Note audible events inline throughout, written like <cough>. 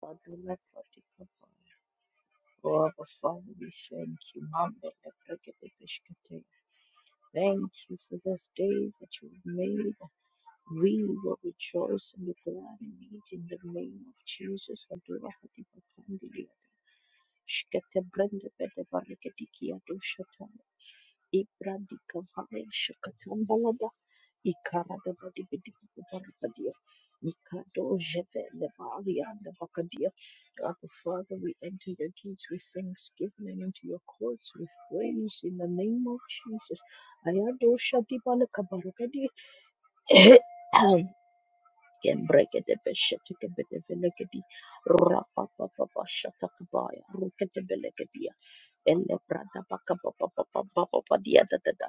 Father, Father, we thank you, Mom, that I get the fish container. Thank you for this day that you made. We will rejoice and be glad in it in the name of Jesus. Adora hati patandi liata. Shkete brende bede bareketi kia do shatana. Ibra di kavaya shakatambalada. Ikara da badi bidi bidi barakadia. Mikado jebe le baria le bakadia. Our Father, we enter your gates with thanksgiving and into your courts with praise in the name of Jesus. Ayado shadi balakabarakadi. <clears throat> <coughs> Kembrekete-beshete-kebete-belekedi. Rapapapapashatakabaya. Ruketebelegedi. ele brada baka baba baba baba baba ba ba ba dia da da da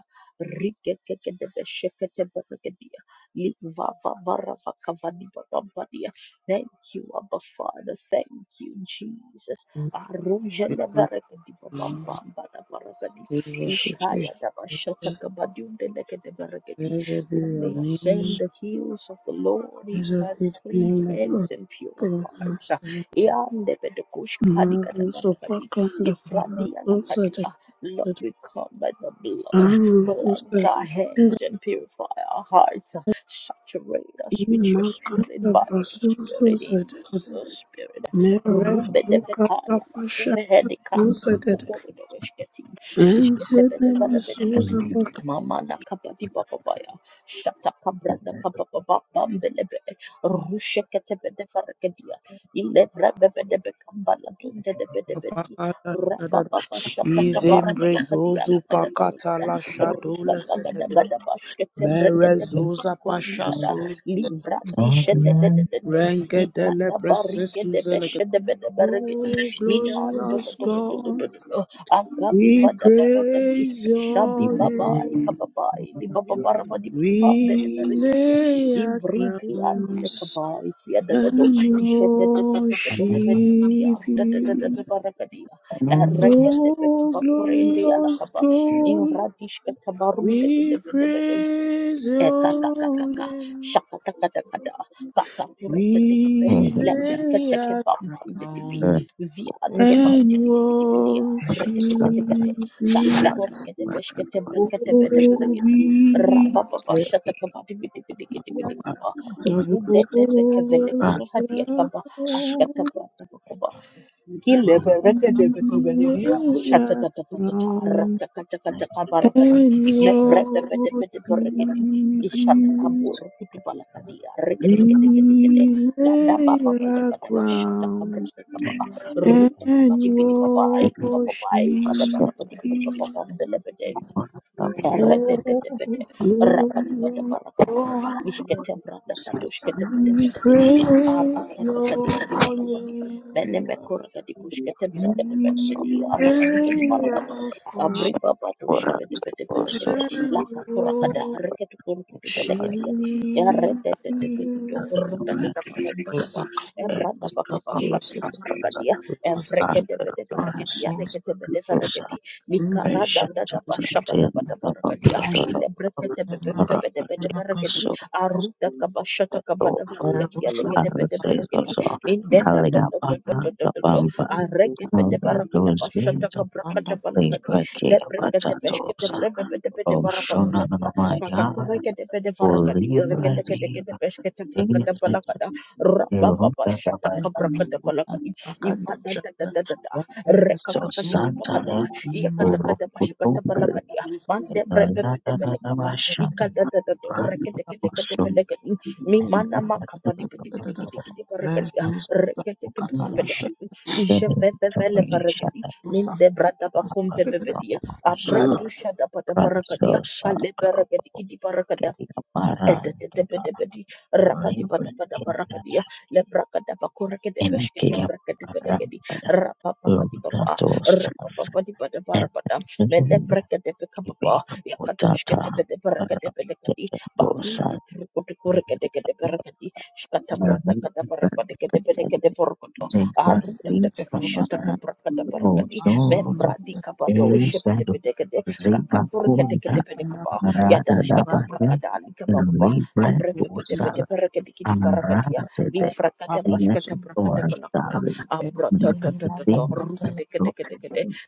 rike ke ke de de sheke te ba ke dia li va va va ra va ka va di ba ba ba dia thank you abba father thank you jesus We aruja le worship bere ke di ba ba you. ba ba da ba ra ka di We worship you, ikaya da ba shata Jesus. ka ba di unde le ke de bere ke di Blessed be who may your ascend name. the hills of the lord he who Blessed has be the clean name of hands our and pure Lord hearts Master. Ian de Pedecush Hadika da Marvel bara so kadi pakanda if para so sada Randianakadia, Lord, sada. we come by the blood. Aru so Cleanse sada our sada. hands and purify our hearts. Saturate us with your spirit, Imakanda by your brasu so spirit, in sada your sada. spirit. Merev lukata Rubedevekaya, pasha so Kuvehedikanti, sada. Kokorodoveshketi, Ense neme so Mama na kaba di baba baya. Shata kabra na kaba baba bambelebe. Rushe ketebe de farakadia. Ile brebebe de bekambala dunde de bedebe di. Pakata Reba shadada. baba shata kabara da Izembre bakadia zozu la kada pakata barabada. la Ruka shadola gaga da sesedede. gada bashkete breke Mere de zoza pasha da. suza. Livra dishe de de de Rengedele Ikada precious barige de suzeleke. beshe de bede berege Oh, Minando lo glorious do do do do God, do do. do. Akapi we bada barabadi. praise Shabi your babai name. kababai di bababara badi bidi bambele We berigidi lay our ivrigi antele crowns kabai sia dadado and ishete tete tete tete tete bidi worship arda tete you. tete barakadi erregete tete Oh, bakurende ala glorious kaba God. invradish katabarum tete We tete tete praise Eka shaka your name. shaka taka taka da, kaka pura kete kebe We lebra lay kete our keba mbam bidi bi crown via ndo pa and bidi bidi bidi ya worship rekete kete kete kaka you. kura kete besh kete brekete bede bede Oh, gedi we raba Ekakakakaka, lift shakatakataka, kakapureketekebe, Yes, lebreketeke bambambidibi, viandobandibidibidibidia, sir. above reketeketekete, kakakurekedebeshkete breketebedebregedi, rabababashatakabadibidibidikidibidikaba, all Thank other rudetetekevelekurihadiakaba, ashkatabratabakaba, We bless the We sister, lay Hallelujah. our Shatatatata. crown Ratakatakatakabarakadi. and worship Mebrebebebebebebebebebebebebebe. you. Ishatakaborokidibalakadi. We the doctor, Reketeketeketekete. lay our Ladababababababa. crown Shatakabrakakaba. and Rutakabakibidibaba. worship Ikibababai. Him. the Badabarabadibidibaba. bless the Jesus, Oh, Eredededede. and the Rapatibada Glorious barakadia. God, Lord, Mishkete the branda kado. Shkete King, bede we barakadi. praise Aruka Your kakadiki di barakadi. Bene name. mekura kadiku. Shkete We brakade barakadi. Arakadiki di barakada. abri acclaim baba do shebede bede barakade. laka kura kada Eretetetetete. you. Rapatipadaparakandia. Isketebrandakadoshketebedeberekedi. Arukakakadikidibanakandia. Benemekorakadibushketeberekedebelekedi. Arakadikidibarakata. Abribabadoshebedebedeberekede. Lakakorakada. Areketukurukutubelekedia. Eretetetetetete. and Orundatetabakambadaba. worship Ebrandabakabashatakabarakadia. Evrekedebedeberekedia. Nekedebedeberekedia. Likarada the da Bible, bashabada bada baragadia. Him. Ilebrekete bebembebede bede beregedi. Aruda kabashata kabada baragadia. Rushuru Legede bede beregedi. Nindenda do do do do do do do do. Areke bede barakada bashata Bakanda kabrakada Prashara balakadi. Lebrekete beshkete brebe bede bede Shona na barapakadia. mama Pakakurekete bede barakadi. Rekete kete ya kete beshkete Ini brakada balakada. terjadi di rumah Rababa bashata dapur kabrakada Izemekuna balakadi. Bakanda Ifada da da Shara da da da. Raketa Rekakakadi sosan Suza kapakada. saya Ima Yakata buruk kata kata untuk pashikata berita balakadia. Suza Mande dan brebe bede beleka. nama syarat Ikata tata te makan orekete kete kete bukunya belekati. Mi ini mana Bakanda makapa adalah di badi bidi di bidi untuk bidi barakadia. Rezus Rekete kete membantu Katala Shara belekati. anda Nishe dengan bebe cara bele yang barakadi. sangat Susa Minde brada bakum Suza bebe mudah dan tidak bedia. terlalu banyak. Kau harus bersabar Abradu shada pada dan barakadia. sosan Kale barakadi kidi barakada kekari aparan tutupnya etetetepetepetit layu dan cinta rapatipatapatabrakadiya MK aparan lebrakadapakurakedepeshketebrekedepelekedi pada bulan rapapapatipapa Tuas rapapapatipataparapata N. Ibe melebrekedepekapapa Kutata yakatemshketebedebrekedepelekedi Tekendosa and babibitrikutukurekedekedeperekedi Evan shkatambratakadaparapatikedepedekedeporokoto Zimbabwe Raketa Kamara the Lord, the arutatepashatakabrakadaparakadi Ozo Anzu Raketa Eribado membradikapadoshepedebedekede Zibakunda Ima kakakurekedepedekapa Kuta Yada Arada shkata Rasu Dabaya brakada alika bababa. Libre Abre Susa pepe tepe Usal tepe reke diki di barakadia. Arada Bakanda Di de brakada bashkata brakada Eyator balakada. Dalia Susa Abra ta ta ta ta ta. Rakibim Bakanda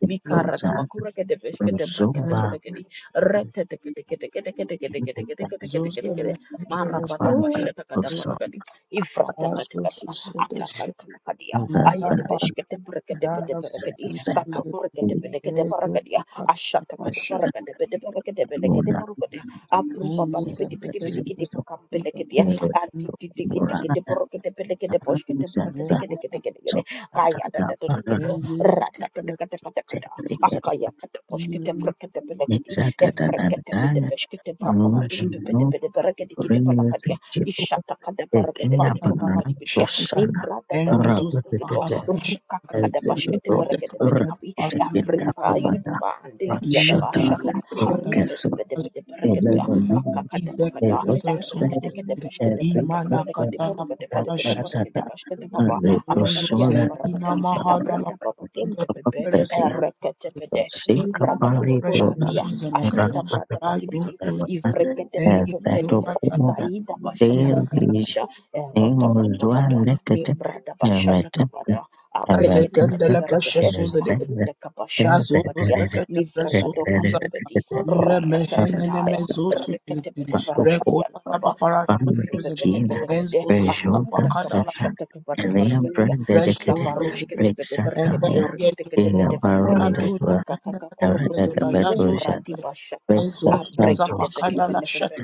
Mikara da dosa Raketa bakura kede beshkete brakete Zosa Rosuba belekedi. Rete teke teke teke teke teke teke teke teke teke teke teke de. Mahendele Marabada Shete Lord, and bashkata kada kut barakadi. Ifrata kata Bazo kata. Susede Akakan kana kadia. the Ayede Itapa King, beshkete brakete pepe Dana rekedi. Suze Kakakura belekede Rego barakadi Tukata ashata kada Pasha baraka kada bede baraka kada bele kada baraka kada apun papa di Eyeza pidi pidi Ketele pidi kidi pakam bele Suza kede Papa anti titi kidi kidi baraka de bele kede posh kede baraka de kede kede Rekota kede kede kaya da da da da da da Eyeza rata kede Ketele kede kede kede Suza akaya kede posh kede Irin baraka de bele kede efre kada bede pos kada baraka papa Pasha dum de bede bede baraka de kede baraka de ishata kada baraka kada bede papa Pakatala papa di Pasha dia Su nimbra da da da da da Erozos da da Thank you. Pahapasha ruka kada posh kada Ezzero Rekese baraka de bele Ketele kada Pasha Avriva Suze rakitegeerakabada Yudipa and Dilikia da rakshata Bashata, Imezuzo Pahadala Rumbe eskeso de Berkadia, elelona Selekere, Kakakata izeke Pakada, the the erosfere personosus, Lord, Erekadekadabishka de imana erikefera Brakadaveleka de katana Braka de Velika de Borga de Vedeka de paparashas, Borga rakratata de Bashka de Papa, renozo Apapadia ze de aletosora ina Barakada, mahada la Labrata Papa pakuda Bumbe, la peresu, papaperia Erekatepede, de ike the Lord, tosikapalitona Pakurandia, preshosu ze la kadena, Ashkata Brata rayo Badibidi, sus, rapatapatalona Ifrekate Oh, Jesus, eye zo Pekumbedeve, katana, erpetokura Kaida Bashata deelis Kabarakada, Erota emozua Kobolada, Mi lekete Brada Bashata Kabada, Sase Santos, Jesus, kandela Abrekade precious suza de Aruda kabashata razo kabadia. suza kata Livra precious kadoba suza mbebedi. ire mehene ne Ratatatataya. mezo suza de Rekatebede varagadia rekota la lakaba. papara Jesus, Kambre the suza de bebede belekade. enzo Aruda suza kabashata kabada Lord, baragadia. Lika Reshozuz varushke tebede and the baragadia. Bayazo Rekatebede bede oh, varagade. the Rato Kaka and kaka korukutu. the Apostle, oh, Bayazos Kumbra di bashata. Rezo Suza Abrekete beke Pacada la bele Shat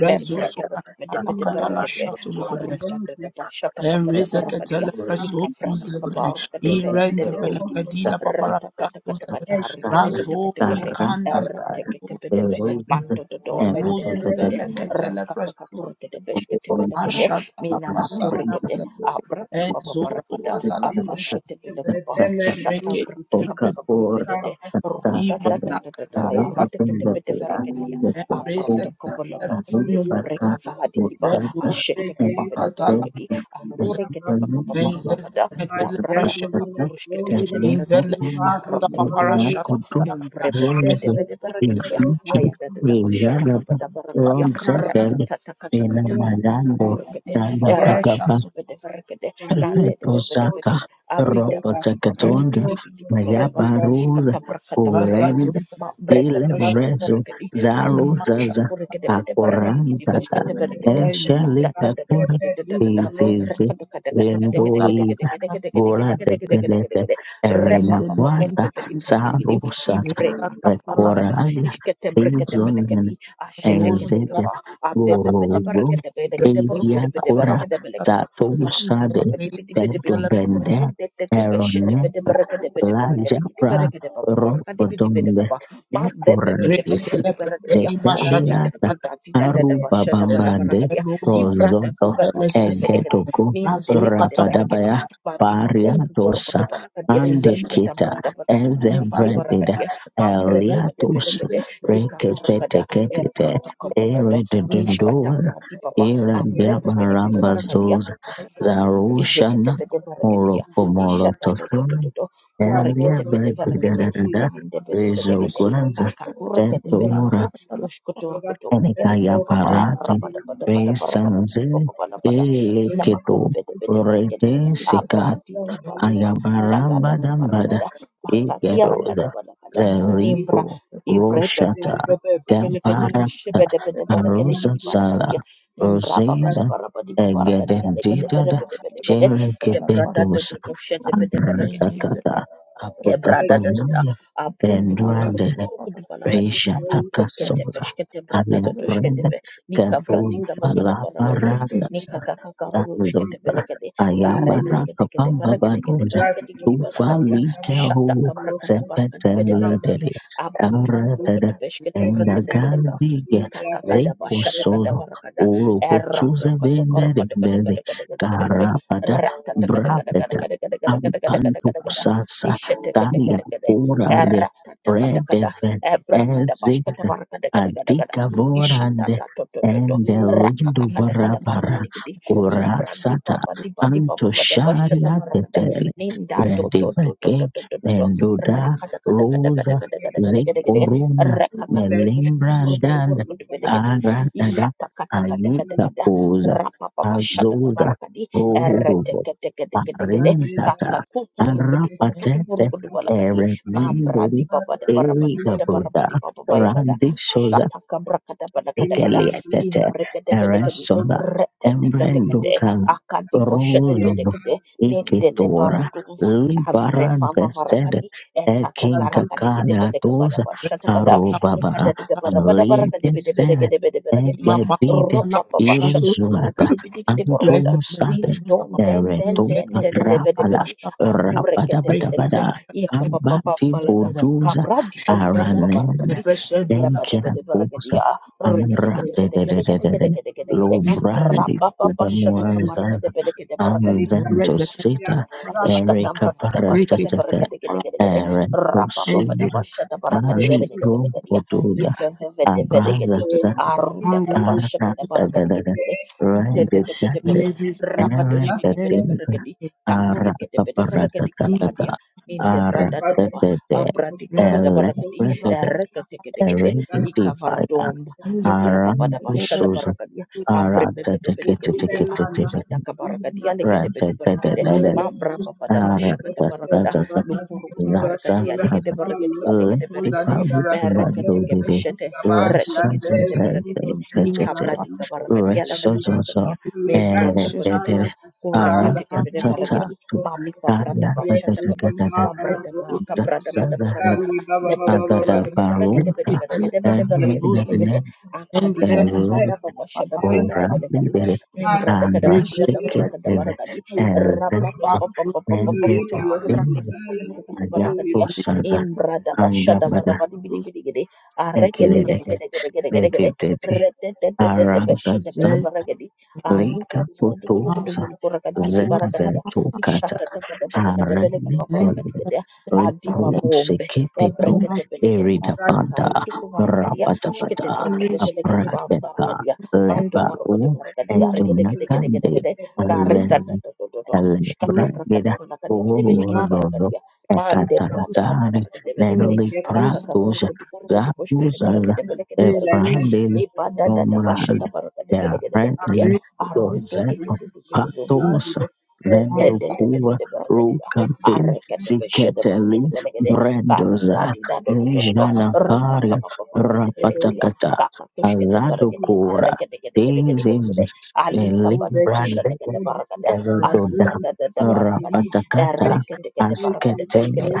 Rezo Membreke Itata, Socata bebede the King, bede the Pacada Azara, la baragade. Shatulugodere Aruda Lord, the tata King, bashata and kabada baragadia. Rezekatele Preso Lika vradi kabaru. Suzlegre Kative the Iren the endele kedikidi, Apostle, the Belacadilla Papara Apostle, Shatos Ratatatatata, oh, the Apostle, the Razo ariketeketekete, Icandala erateketebedebe, Suze mandododo, Marozu rendededebede, Apostle, the Zelecatele Preso rakakakakurekedebeshketebelekede, Ashata la Apostle, the Prasa Apostle, minamakurekede, Enzo abratibababarabada, The katala vision prasha of the abrosketebelekaba, delele. family that is Reke de decided presa Okafor by shatabradakabakabambelede, us to Tasasega imana rutatatatata, be katala Erika prasha that Pindapura delele. aruteketebedeberekedia, Embrace Yetosega abrotokobolodo, ketele Alu even presa to Praka numbrekavahadikiba, delele. Utata Yoto the Kupinda pakatala asheteketebedeberekedi, Entatega badala refu hadi sasa kufikia kiwango mbele yake prasha ambapo delele. Enzo Entupaneko alurekedebakababambalada, ketele ajali labrada prasha Yetapatata bakaburush delele. limezuiliwa ketebede Inzele beregedi Jamaica ingawa mesa arata suala Nubula paparasha kabolodo Kutu lilikuwa delele. mumbrebebe Doriza Resu bede beregedia ketele prasha. Infiti ayada dada bashata Vijagapa kabada beregedia Enwana Ron katala rata Setel tata kata Vina kata Mayango kakakuru rege kete ila ya erete paparasha Ranga kete bede beregede nande dede bede Zepozaka bedi abida badi baba di ropotekatondra bidi delele. bidi baba baba nyabarura shikata brakata balakadi Bazazo urenda mambrebe ile bede bede Thank mrezo beregedi zaruzaza kakakurekede bede you. beregedi kidi bosh akorantaka kete beregede Dios que la tata tata eshelipakura hacerte tata tata disfrutoso, izizi enduriga goratepelete erinakwata sarusata pekoralia ijonene pues por enzelia lo guruzu iliakura tatusade Beto que Dios Bende es Erone tu Lajapra Rokodonde poder, tu Decoratis para dar Secaliata el bien, Aruba Bambande Ivrata Rosoto kumbe pambede belekede Egetoko Min Razo nindelekede katapapa, berekedi Rapadabaya papi papumpu Pariatos porokote palakadia ezenem, shikata Andekita brata pata barakadi kidi Ezevredida barakadia mambre Refuge pepete Eliatos belekede and depression sikakurakada that e Rekepeteketete you protokopolodo love mishkata Eredendor brati papa Era pues que ambre te pepete pidi diga diabaramba barakadia que te Zarushana Ijeketebede berekedia, mando para hacer Morokomorotofun ishatatatatato, earlier raposos by kureketebede The Russian Molotov area berekede, por mi Brigada hijo, es kandebedebedegede, depression Rizogorsk por ni kakakureketebede ropa, Tetora kabo, masakala toda el kuskuturkutureketebidi Enikaya baba, costo eh Parate de mi vida, arapadabadapada, y barabadibidi Resanze baba, balapada, siempre Eleketo tu inamakumbedebede berekedi, Susan Rete abradi gran baba diba, vida, Padre, shatatata Ayabarambadambada, barabada, que te Egedoza, kakakiarakadabalakada, is a Zeripo, nimbra, bendiga, ibre te pepe Roshata, pepe pepe lekede, bendiga, Gambarata, shebedebede berekedi Arosa bidi María, Sala, barakadia, Imbrapa pada Roseza, barapa di babaraka di aleke de in bere Egedendidada, pede bele gede. Ke la paz brata to Sherekepetos, to to shete pede bere eh is a Abratakata, E brada da Thank da da, Apotapanamia, Susan abruntu makat turukutu para kurukutu balakadi, Reisha eh abrekete takasoza beshkete brata da la doshkete alebrenda be, nika kabum vrati kababa da la balakadia, person falaparandasa nika kaka karushkete zanzoba belekade, karete ayabara kete kete kapamba berekete kete badunza berekete kidi the balakadia, tufali shata kero kabrakada barakadi bede sepeteli cat berekadi, dede so abrutu aradada kurukutu the the beshkete enda brekete beleka, papa galbige ika kaka da zeko bashata kada solo barakada, uro potuze erata kata vendere karakata kada dede kada kada kada kada kada kada, karapada rata kada kada kada brapeta kada kada kada kada kada ampantu kada kada sasa tanya Isheteketeketekete. kurale Eratatakadakada. Redeve Eziza Ebrakadabashkatabarakadakadakadakada. adika vorande Ishatatotototo. ende lindu is barabara Rakakakadakadabarakadikidi. kurasata anto sharia Ibradibabadibadibababadabashatabarakada. tetele rediveke Nindatotototototototo. menduda in rosa Rakadakadakadakadakadakadakadakadakada. zekorona melimbrandanda Rakakakutukushkutuburukutubukutubelekedi. aratada ayita Ishatakatakatakadakada. koza azoza Rapapapashatatabarakadi. Rekete rodobo Ereteketeketeketekede arintata kakakku huru kudu Takaku kudu arapatete kurukudu kudu balakadi. erenende Nambradi babada barabadi bada Erigabota, barabadi baba bayagada. you. Randi Shoza. Shataka brakada balakada kada. Ikelietete Inaratisha Imbrekade bedekadi. eresoda adsoto Retetekadekade. esinuvika embrendukala Akadi boshete ruzudu bedekade. ayagala Nindele ikitura kushata barduva. Avre libaranze fava sed varakadi. Ekakakarakadi kide beleka bada ekinkakayatuza bashata kada. arubabara Ekadada barabada barakadi aliete bede sed bedekade bede berakadi ya. egedide Rabba baba shata iruzuata kabarakadi bede kide mi antumusate don den den eretuka den de de de de de de rapala de akure kete beleka rapadabadabada iya ke papa abati papa lada buduza kabra di padi padi atoskorashe papa aranen padi imbra padi padi berke enkiakusa dia reke de Amra kete de kete de de kete de kete de kete de kete kete kete Lubrandi rabba papa shaka kabara sheneles kete Ubemuanzaza beleke de elita Anzento ya Sita raka Ishkatam Erika gede gede, Paratata Barakadegade, Ereto Rapa Pada Sunda Bashata Ali Barakadegade, Prokotuda Abraza Ivevedegadi, kuskola Sanda Aruta Ara ikarbete Kabashata da da da da ige Barakadegade, Rendi Tande Itepetepetepete, Ele foi Ere na de elegante lesa Tinga Rabatushkitepetepetepete, Ara Kakurketepete Verakadi e Kalakadia, Kaparatata Minde Ara Brada de parte Dadaba, de de Abradika kutinare Bada presos Barakadi, Elektra kuskola a de de kusha Erekatekede, Erika tanka Divaya Ikavaradom, presença Ibraba Pada Arantu da Bashada Barakadia, Ara ara Mabrebebedebelekadi, that are Aruka presença not in Takabarakadi, my blood. Alekede mas ara Bambra os Baba Daba patrões Shakata da sa Baragada, sa dos Lukurukutu Barakadia, Negede Baragadia, Negede Baragade, Berekateke patrões Beshete, Retekete de Baragadi, e uma Ikabradika Baragadia, Lakata sa. Baragadia, e Membroto Kotokoto, ra Kurakateke de Baragadi, Mamika Brada Bashatakaba, Kabrada Kabrada Bada Barabada, Leprepe Thank de you. Baragade, Bede Arata Baragade, Bede Baragade, Bede Akadika Dikada Babashada Baragade, Orang Bede delivery Membrada Andra Kadabashada Brakada tekisil Baragadi, Rabba elbezo papa papa papa papa, mengetes in raka raka, muka papa maya berada kania. usaza Imradabasha andabada dabarabidi bidi bidi gede. Aregede gede ekireke gede gede gede gede gede. detiteti Redede gede gede basha gede aranzaza gede berada kania. lika Arupi muka berada putuza kania. Shiketebere berada Celebration zenezetukata kania. Arendelex in Bilekabab berada kania. Adiba bombe. Liponsekepetu Ebregede bilekadi. Iridapanda Arupiku berada kania. Rapatapata Shiketebere gede bilekadi. Bamba Aprateka berada kania. Mantu Lebaru berada kania. Aregede gede gede gede gede Eginakande gede Kari kata toto toto, kata braka da Elbrigida braka di bidi bidi gini baraka Urono dia, mande braka pada Ekatanzari baraka de bede gede, Nelly kakak kakak Pratus ruku di koruku di kosh kede baraka Zabuzala de bede kede baraka gini, Ebrandili ipada da da basha Umral da baraka de bede gede baraka dia, Yarendele aru tu tu tu Dozeto tu tu tu Patosa Lendukuva Rukati Siketeli Brendoza Nijana Paria preservation Rapatakata of my dream, Aladukura This is a those that Libra can share the truth about our Eredoda, Jesus, all can lead in Rapatakata, creation, Asketela,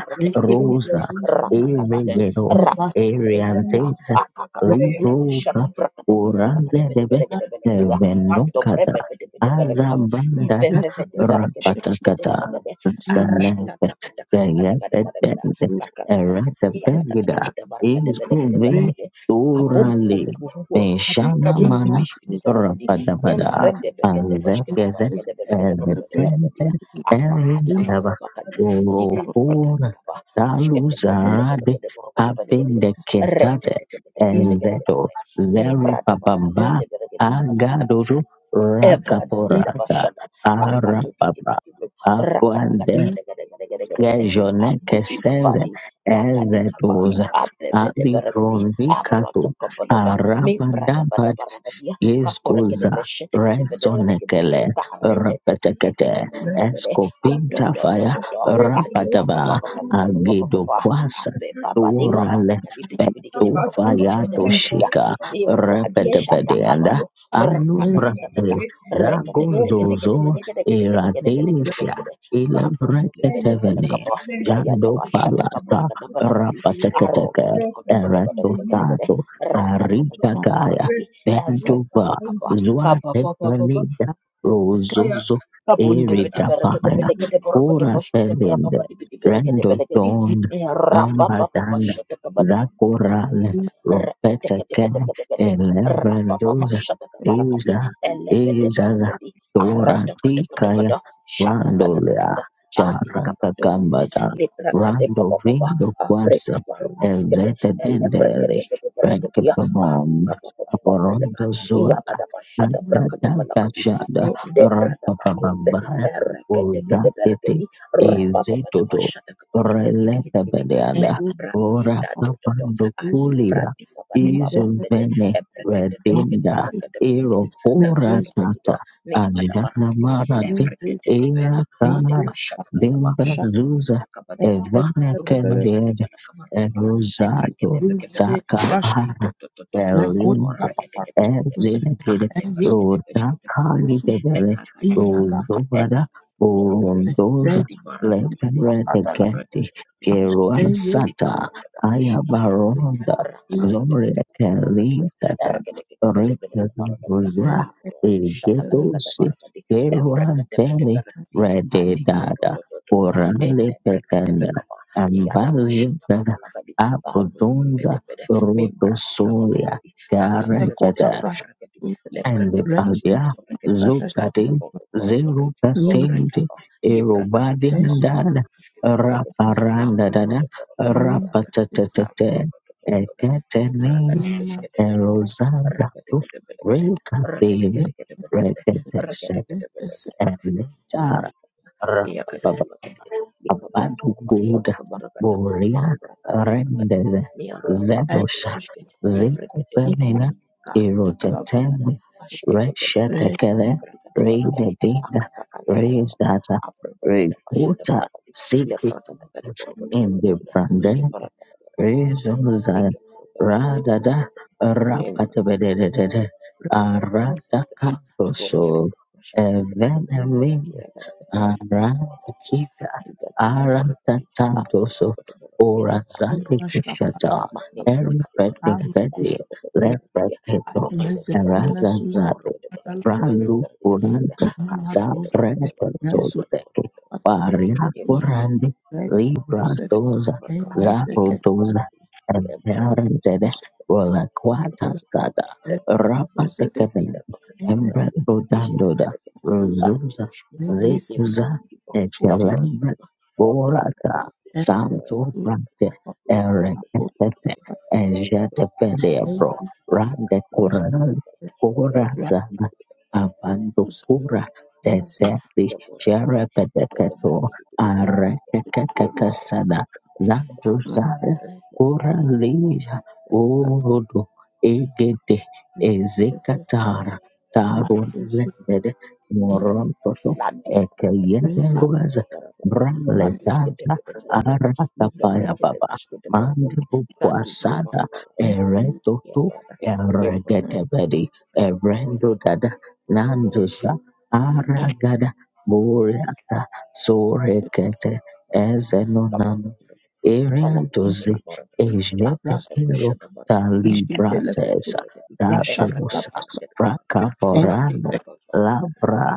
those that Rosa, do see the truth, Eregedo, of the one that Ariantes, Libroka, Urandebe, Venokata, Azabrandada, Rapatakata, Senete, Yatetende, Eretapegida, Isquivin, Urali, Meshana Mana, rapada pada Rapadabada, Elegante erindaba is the forofora taluzarade apende kentate ezedo zeri Ibrada para kede babamba bede bede agadoru Evra da da da rakaporata bashada. Akadu di di arapapa di di di. Rakada kada abande Let kada kada kada kada kada kada. the lejone Abush kitchen keseze kafadi. Lakadi kaba. be ezedoza Abebe de verakadi. abifronvikato Abrata kabalada. Mimbra the da bada barabadia. Kakore kede Liskuza beshete kete bede whole verakadi. Rensonekele Kare te te te te te te Rapatekete te te best that te te. fear, it Ado Escopinta do do Fire do do. grace Adi papa Rapataba papa papa papa grace papa to Agido those papa. Kwasa Abe baba li baba Turale rakadi. Bidi bidi kede could Petu borobode who bosh kede Fayato be. verakadia. Shika Imbra let them shata be the Repetepedianda kabado. Lord, and Rakata Yes, tata let them tata Anubrate be the Rekete and those that people Zagozozo who is right. But Iradesia the Ilebreketevene blessings Jando Palata Rapateketeke Eratotato Aritakaya Vendova Zwate Kalida my second Oh Rozozo yeah. Eritapaya is Kora Telende Rendo that if I haven't had Don this Ambadana Zakorale opportunity, then my Ropeta Ken Reteteketeketekete. Rapapapa Elevendoza shatakabarakadi. Iza Iza Elebedebarakadi. Dora Tikaya Arateketeketekete. Randolea Shatatatatatata. Chara Atikabadonde. Gambada Rando Leprakadepapapapa. Vindo Kwase Aprekabarukete. Ezetendele Elepreketeketeketeketea. Rekapamom Arukapapapapapeleka. Aporondo zua children Iyabadabashadabrakadabalakadi. Bashada Mindebradabakunde. Rapakabambaya Oda Ete Ereketeketeketekete. Ezetoto Rapapapapapashadakabarakadi. Kidi, kidi, Releta kidi. Bedeada Membra di Ora da do do do. Ali Kapandokulia Franti Kabade Izo Babambede Vene Ebrekete Beshkete Redinda Brekete Belegedi Ero may Dato Pora rest Dodo Tata Nepada Ajana Barakadi in Marade this, Ebrekete Kebe Era my Aida own Kanar Bashata Kandaba Dimba shall Zuza Nakamata Kabade and Bidiba let Evene the Rupata bearers Kended Kandaba Nakamarakadia Nefrekete Erosato give Bekebede the brush, Ati Sakapara Dodo Dodo Dodo record Dodo the Elinde Rekete papers Kete Kete to Kete set, Kante and if Brekete Roda Beshkete Belegedi Kali Rufus Devere Nekaka in Kiyaka Manaka, Eka Rodovada Ortodis raise Orondoza Kati Rufus Barakadi Leverete Pahadala, Geti Ebrekete Geruan and Sata Belegedi Ayabaronda yes, Zore Rakatakatakatabarakadia. Kelitata Rikadu Ereketeketeketeketekebarakadia. Buzwa Egedosi Arushatakatakatabarakadi. Geruan Teni Ebreketeketebarakadi. Rede Dada Adikodododododo. Orale Petenda Endebreketekekama. Ambazo Gada Yadabashatakabalakadi. Apodonda Arumbedekedekede. Rodosoria Membradikabarakadi. Sekota Garantata prasha Kakakureketeketebarakadi. and red Alibaga Lebreketeketeketebarakadi. prasha zugade Katiboboborogodo. ina zerugatende Kobrekapa. es Kibrakatikalabaro. erobadendada raparandadada news Kambrekodoborobodoborogodo. rapatatete Rakete eketenin ina erozazaku rekateli red reketeshet es es Iya kata Rapapapa. barakadi, lika Abadu brasada basada Buda kabarakada, Boria mambrakada barakadi, Rendeze miara bakado Zedosha es uske, ivrekete ina Zekupemena belekedi, karuta la prasha kapaniada, Iroteteme askete belekedi, red Reshetekele mambrakada barakadi, Rededida akakakaya kada kada, Rezata abrakada basada Reputa barakadi, Secret lefrakada kada barakada in the barakadi, us Brande nimbarakada barakada, Rezoza lika barakada baskete Radada belekedi, nimbrakada Rapatabedede red Thank prasha Aradakadoso Arakika Arakatandoso ina shapa Orasadikishata arutus Erapedipedi Lepetito mes mesus al Bralu kurante masus saprete mesus sodrete paria atus kurante red us libra doza zapro et doza you. emperenzede vola quata stada rapate cadenti embre bodandoda rosusa zecusa ecelebre borata santo prate erecete ejete pelebro rande curante Abandokura Teteri Sherebedeketo Arekekekesada Zanduzare Kura Thank you. Lija Urudu Egede Ezekatara Tarun Lendede Morontoto Lanti apa apa Ekeyeberuaza para tadi hadis kita Braletanza kita cara tadi ini Aratapaya berarti kita Baba kita para tadi Mandibu tadi ngomong Kwasada bang Ereto ya mana ya berapa Eregedebedi Erendo Nandusa Aragada Buriata Sorekete apa Ezenonano apa kalau para Eriandozi tadi para tadi apa apa Ejetekero sudah para tadi ya rata kita Talibratesa kita tadi Russia, efra kita Datosa kita Lapasa, kita para tadi and kakak Pracaporano kita Labra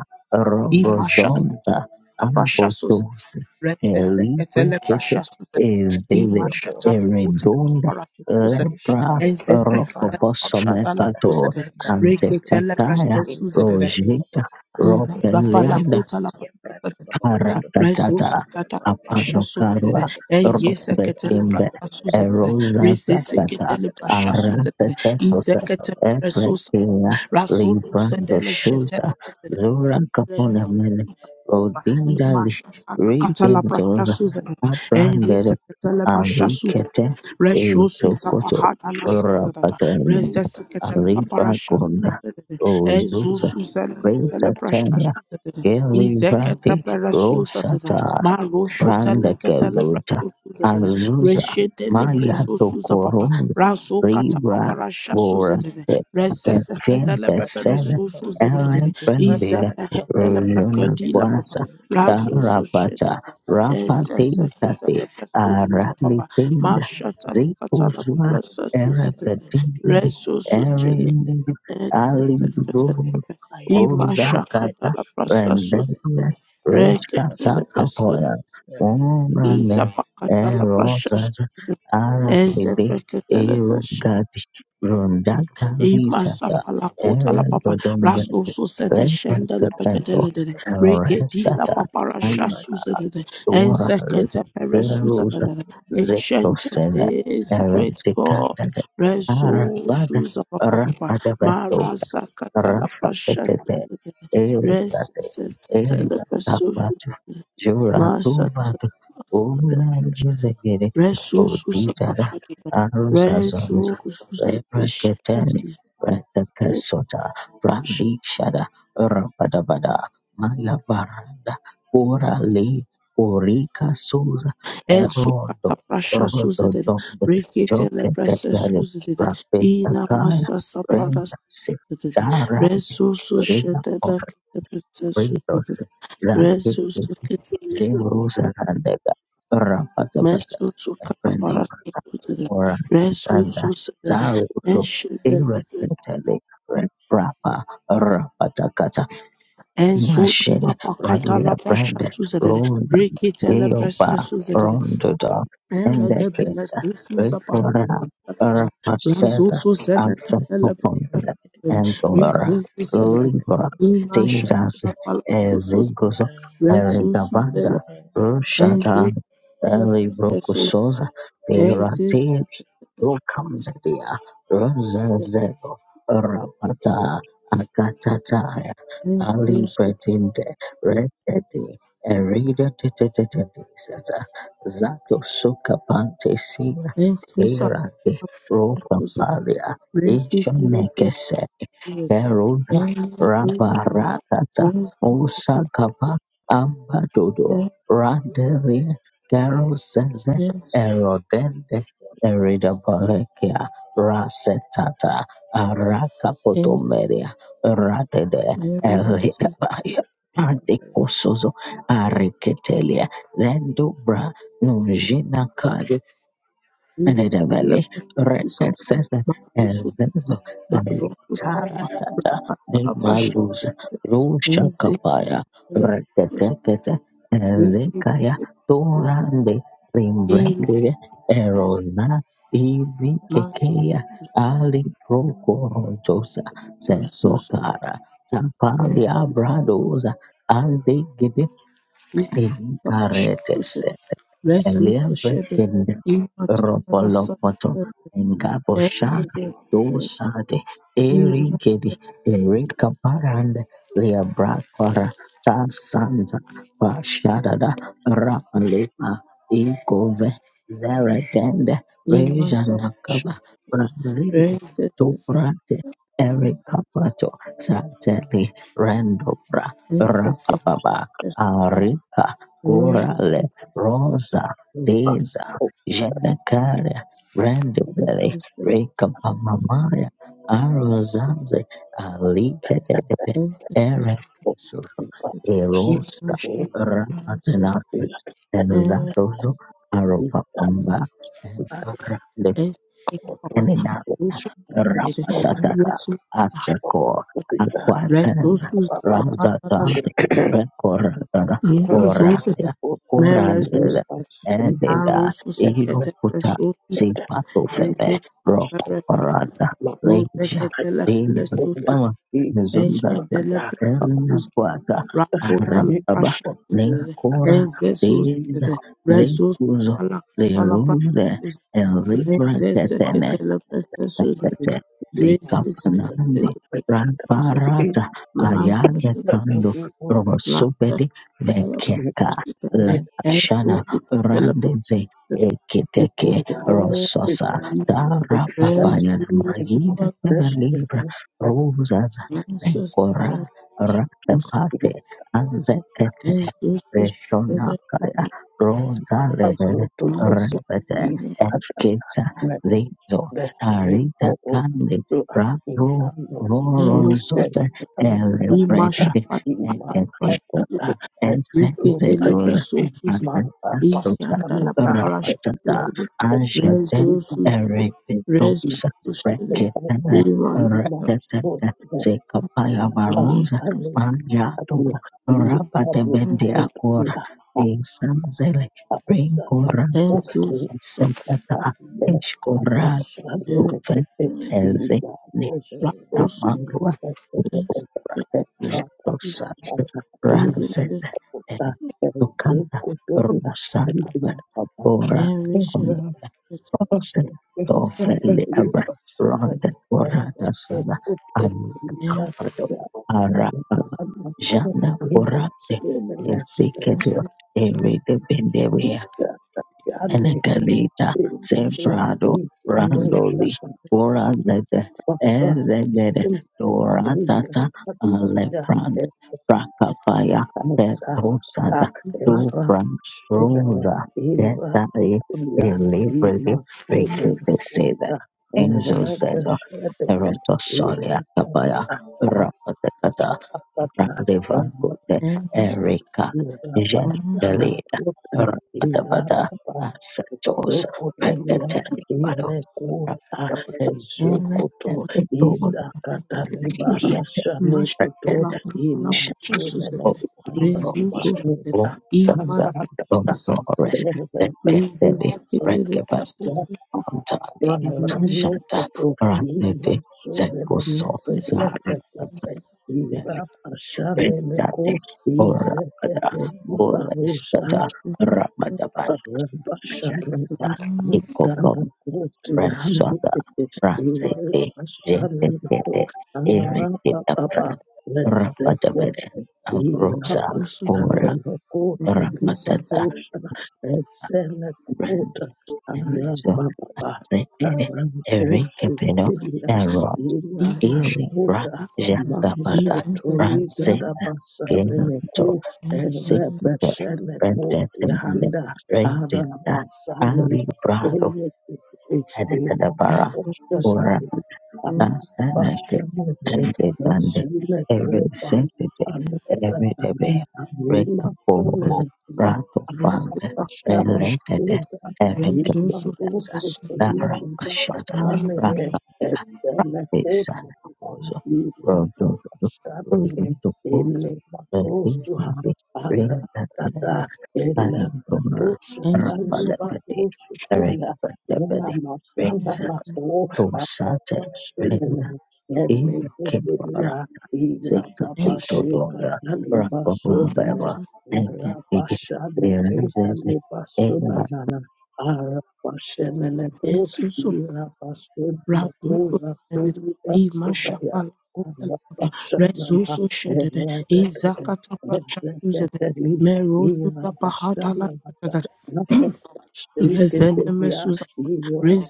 para Imashat, Rogozonta Apashasos, Ambotosi Rete sekete le Elibrekete brasha suze. Ezele Ima Kabora shata la kuta kakaki Eredonda para suze. kikakadushi Lepra wade Eze sekete le livara brasha da la kakapambalada Ropoposometato suze dede. membra Rekete le papadushkete Antepataya brasha inna suze dede. prakati papa Rojita, Ima akayada zafa la Ropelianda, bashata kuta la brasha suze kebrati dede. kabora kado Rezo membro Arakatata kodo sakata kora kadia brasha suze lepra dede. Apanokarua kete kete Eye kora kadia sekete le kete Robetimbe kete brasha kora suze kadia dede. Erosa libra Reze kado sekete Sakata le bashkata brasha suze dede. Ize Arakatetoka kete le Allah reso sa. Efrekia Raso Libra suze dele Doshuta shetele. dede. Zura Remes- Kapunemene Rodindali Imashata katala prasha Rigenzora suza Abranded enrisa katala prasha suza Arikete resho suza Isokoto pahada la sada Rapaten resesa katala Aribra paparasha Gunda suza ezo Ozusa suza Prince katala prasha Tania suza Gilly izekata para suza Rosata marosho tala katala Randageluta prasha suza Azusa reshedele Maya preso suza papa Tokoron raso kata Ribra paparasha suza Borate resesa di katala Perfente prati Sere paparasha kora kadi suza Ele irapa Iza Brandira kadi bakar mahenda la kadi Rujuna prakadi la papa. Quasa Razo so shede. Tarapata Esa seketa Rapatikate la praso suza papa. Aralitinda Mashata la katala Zikuzwa pala I sa had suza to go de. for a Erepetindari Reso so shede. petty, Erin if Esa Ali seketa la papa. I have have to Ima go the shakata Uzakata la first of prasa so suza. rendelwe de. reshata Rekete la the praso. petty. kapoya umane Iza pakata la prasa suza. erosas de. Esa arakibi pekete irugadi rundakazi Ima sata sapa kota la papa raso erendodomrende so se de Shot, shende le beke de leprekepento le give us a tip of la eresata shift, papa give rasha us a su se top de of de the en ayuorale sekete pere su se de erusa de ancient of zetosene this great God erentikandade reso arabada su se papa papa rakadavento marasa kata la rasha su Rafatete se de de res Elisate sekete le pesu su se Elizabatu de de. Jura masa Tuvatu Ula shot, a proof Lizagiri reso of su papa Uditara petty, de de a present Aruzazons reso su de Lebreketani shende Retakasota Radikshada Rapadabada Malabaranda Urali Urika Suza En su kata Erodo prasha suzedede. Rododombut Rekete le prese Joketetali suzedede. Ina Rapintakaya masa sapara suzedede. Sarah Resu Lina sushete or le kete prese Kratos suzedede. Resu Rakiptis sukete Zeruzarandega Rapatabata mesu sukata para Pranibata suzedede. or shot, Resu Tanda suzedede. En Zaru şete le prese. Irritantly Rapa Rapatakata. En su ima Machine pakata Rally la prasha Brand suzedede. Road Rekete le prese Leopa suzedede. Rondoda Ela de Indexes belas Jesus Victoria apahatara. Rapaces should have Razusu zelete dele been in the Axopoponda relative of prashakere. and the company, Dora Izizi the selege. private Libra people for Ima the Texas shakara Thank palasusu. Ezigos you. Resusu dele. Erigabanda and the Rushada Enzizi dele prashesu. Elibrocusosa Enzizi Tiratiri Rucambedia Rosazeo Rapata Akatataya Ali Enzusu. pretended Rekete erida teteseza zake soka pantesira Enzusa. erade roka Enzusa. palia Resu dele prashesu. Enzusa. Resu dele ishonekeseri prashesu. keruda rabarakata usakaba ambadodo raderie keroseze Enzusa. erodende erida balekia rasetata arakapotomeria radede Redabayo, Father Andekosozo, Areketelia, Lendubra, Nunjina Enzusa. Redavale, Enzusa. Recessor, and Barusu Zenzo, Barokus Abilitata, Rakatala Prash Emalus, Rusha Nze Kapaya, Electus Recateketa, and Riki Zekaya, Electus Torande, Rimbrandide, Erona, Evi Matus Kekea, Ali Procorontosa, Nasus Setokara, Tapalia Bradosa, Ande Gide, Papashus Incaretes, Resus Shedded Eliabrakened is Imatara Robolopoto Suffer Engabosha Enze Dosade Ima Erigedi Erikaparande Liabrakwara Tasanza Pashadada Rapalima Ikove Zeredende Ima Sapash Rejanakaba Rabride Reze Enze Tubrate Erikapato Sateli Rendobra Rapababa Arika korale rosa. Thank These are Jenakaria, Brandibeli, Enze Rekapamamaya, Arozanze, Alikadebe, Enze Erekesu, Rose Erosta, Rapatanasbe, and Zatozo, Aropapamba, and Kara, the Rapatatata, Aseko, Aquatan, Razatad, Pecoratada, Boratia, Corandada, Ededa, Irokuta, Sipatofebe, Rocco Parada, Leja, Dave, Mama, Mizundate, Erina Quata, Rakota la Abraba, prasha suzede, Lencora, enze Deza, suzede, rezo Lecuzo, suzala kata la prasha Lerure, suzede, El Ribra enze Catene, zekete le prasha suzede, sekete reze zekete sikapanande le prasha suzede, ramparata maasha ayade suzede, kando maasha robosopedi kata la vekeka prasha suzede, enzo lepashana suzede le randeze prasha suzede, ekiteke holy God, rososa tarapapayana magida kevelibra ruzaza lekora you. ratapate anzekete reshonakaya rozalere Azutututu repete esketa itatamende zizo Arita kandi ipootu inano prabovoronzota etatimakatada Imasha elrepretivi Patapasha eketete Riketele esenzetula Preso esutayamu Susan aritastusa Ishantala mangamanana Papalash rapatata Susan anjete Rezo etetekuimaokota Susan Rezo erepetusa Susan reketele Imasha reketete sekapayavaruza imasoneaashanekadia manjato rapatebende akora iabuutuna esanzele aazanao rinkorante esetata Patapata, Enzo Susan Uve ezi ni in heaven. Rato Susan tamarua kubwa Preso Susan zilizosafiri razede tukanda rusarabad bora Henry Shet kipaumbele Thank rose tofelebra ronde borada sana Henry alukambado arababa jana borade ezikedio erede benderia Elegalita, Mash Sembrado, Is Brandoli, you. Borazete, Barbara Ezegede, simply brilliant Doratata, Alebrand, Bracapaya, kanisa Petrosada, era Dobran, shidana Roda, era Getai, tutulia Elibrity, imasona na Rikiteseda, kota Enzo era Zedo, beshedene Erotosolia, Capaya, ipatata Rapatata, apatata Randevangude Erika Imasha Irabashanda Jendelina kuta Rabadabada irabanga Asatos zokotolia Rekateli Bado imekuta Rabadabada Ere ezokoto Epidoda Hiete izakatalibarashane kuto mashala Rekateli kutala pasha imasonene suzede Holy rezi Roly uzosede arabanita i Lumsaza mashala aratata Lumnore suzede rezi Dekateli zikete de Rekababantani peste Ashanda Randevi Zekuso nese sete nese sete Zara Bedade Orakada Let's Uwestata Rabadaban Mayada Ikokom Resada Rasete Jentekete Irikitapran Rabadabada Ambrosa nese Ora nese nese i Rabadada Randy Enrizo Rekede Erikepino mashala i Error Iri Ra Jakapada nese sete Ranzeta Kenato nese Sikita Benjamin Redinda Ali Brado nese Thank Editadabara Thank you. Sansanake and the band represented Evidebe Rekabos Rato Fund related Evidebas Narakashata Rakabia Rapisan Bozo Rodo Rodo Bozo Evidebe Ringabland Ayamdumra Rapalepede Ina Rekabadebede masala na ko Tosate Thank Lena you. You Ikebara Sika Titodora Rapapumababa Thank Eke Ike Irenzeze are you. Rezenemesuza,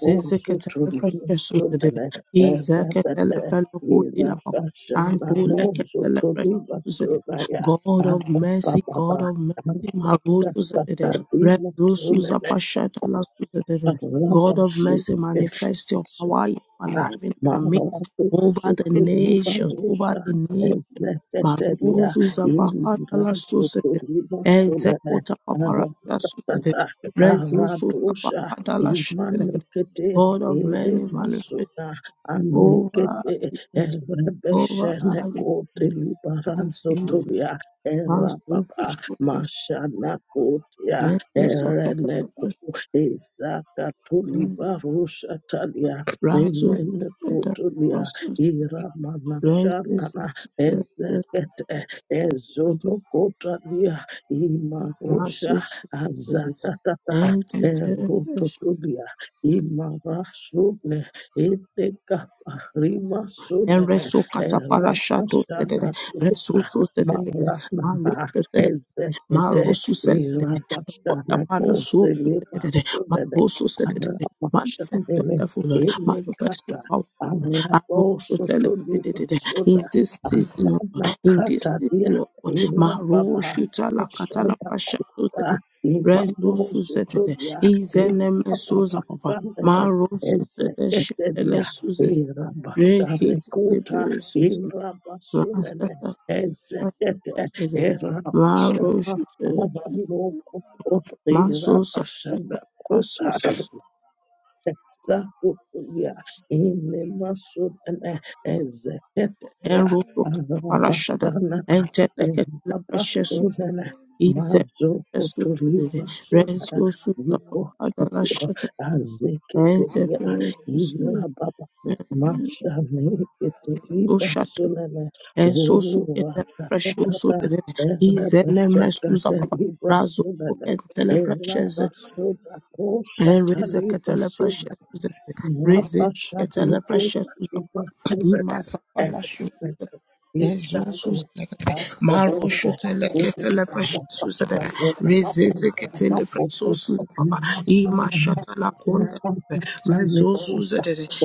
also precious, to izeketele Thank pelokotila papa, antol eketele precious, God of mercy, God of mercy, marozuzedede, rezosuza pashata la suzedede. God of mercy, manifest your power in our life, in our midst, Maravilhosa over the nations, over the nations. ezeketelia Maruzu Zapahata la Susede, ilimrasotorimasolele Ezekota aratatata Paparata Rezusu aradosa tapahadala shitelegede. imanekete God of many manifest eremasona anekete over the earth, over our earth. As you erebeshenekotelibarasotolia pass through erababa the mashanakotia Metus of ereneko Catapult, ezakatolibarosatalia Rasus, Emene the kutulia process, ira Raises, manashana ezekete ezono kotalia imarosha Masus, azatata and the Terrapes, erototulia imarasune etekapa and rimasunene Resu Cataparashato, erapashana kuta Resus, maranana ezekete Marosu Sedede, the God irapashana that Palasu Sedede, Marosu Sedede, manifest kotelemasunene yourself, O Lord, manifest your Imekata power. Lord. Arosu Sedede, Arabosotonibasuda In this season, O Lord, in Aranakata this dia season, O Lord, Irababa Marosu Talakatala Ashana Pasha Kuta Sedede, Rezosu Sedede, Imanosotodia Izeneme Irababa Susa Papa, Kandele Marosu Sedede, Ezeketedia Shedele Suzede, Irabashane Rekete Kuta Lebe Suzede, Irabasunene Masasa Ezekete Sedede, Irabashana Marosu Aranokoto Maso Irabashana Kuta Ibra Bastana Kuta Sasus Zakutulia inemasudene ezeketelia and Roto Parashada arabashana and Tetleket Precious arabasudene Isa Esu mazokotulibrasudene Renzo Susa Hadala uboshipio Shata and azeketelia Tepesus irababa Menso Shata mashaneketelibasudene and so Suketa Precious uratatata Isa Nemesuza Razo erebeshekatelibrasudene and Teleprecious Raise katala erabasudakoshatalibasudene precious Susan. Thank Raise katala precious Susan. Ima sapala shu. Yezu Susan. Maro shutala katala precious Susan. Raise katala precious Susan. Papa. Ima shatala konda. Rezo Susan.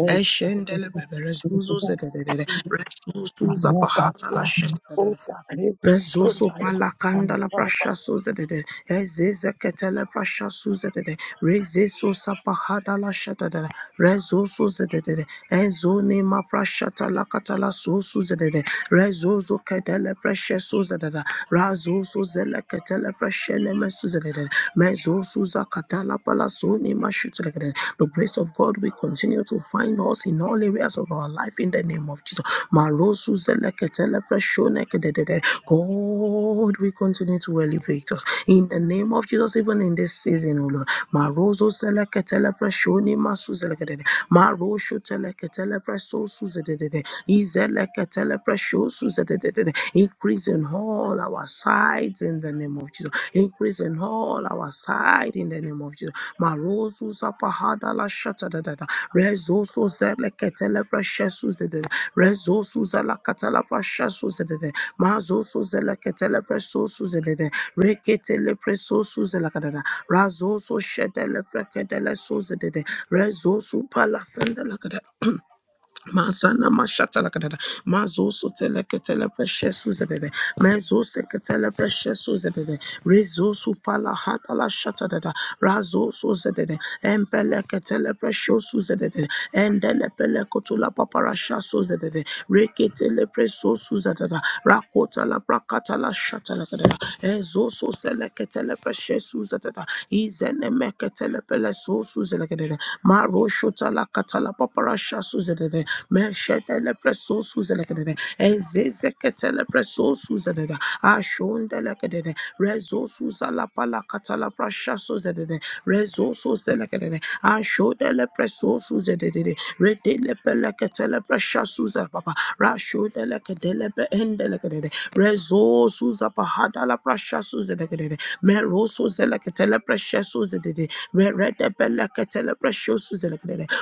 Eshendele bebe. Rezo Susan. Rezo Susan. Pahana la shatala. Rezoso palakanda la you. prasha suzedede. Ezeze ketele prasha suzedede. Rezeso sapahada la shatadada. Rezoso zedede. Ezone ma prasha talakatala suzedede. Rezozo kedele prasha suzedede. Mezuzele Ketele Feshele Mesuzele. Mezuzuza Katala Palasuni Mashutele. The grace of God will continue to find us in all areas of our life in the name of Jesus. Marosuzele Ketele Feshone Kedede. God will continue to elevate us in the name of Jesus, even in this season, O Lord. Marozo seleketele preshoni masu seleketele. Marosho teleketele preso suzededede. Izeleketele presho suzedededede. Increase in all our sides in the name of Jesus. Increase in all our side in the name of Jesus. Marozo zapahada la shatadadada. Rezoso zeleketele preshe suzededede. Rezoso zeleketele preshe suzededede. Mazoso Zelekatele Presoso Zelede, Reketele Presoso Zelakadada, Razoso Shedele Precadele Sozede, Rezoso Palasandalakada. Mazana mashata la kadada. Mazo sotele ketele precious uzedede. Mezo seketele precious uzedede. Rezo supala la shata dada. Razo sozedede. Empele ketele precious uzedede. Endele pele kotula paparasha sozedede. Reketele precious uzedede. Rakota la prakata la shata la kadada. Ezo sosele ketele precious uzedede. Izene meketele pele sozedede. Maro shota la katala paparasha sozedede. Meshetele preso suzele ezezeketele preso suzele ashondele kedede rezo suzala pala katala prasha suzele rezo suzele kedede ashodele preso suzele redele pele ketele prasha suzele papa rashodele kedele be endele kedede rezo suzapa hadala prasha suzele kedede meroso zele ketele prasha suzele redele pele ketele prasha suzele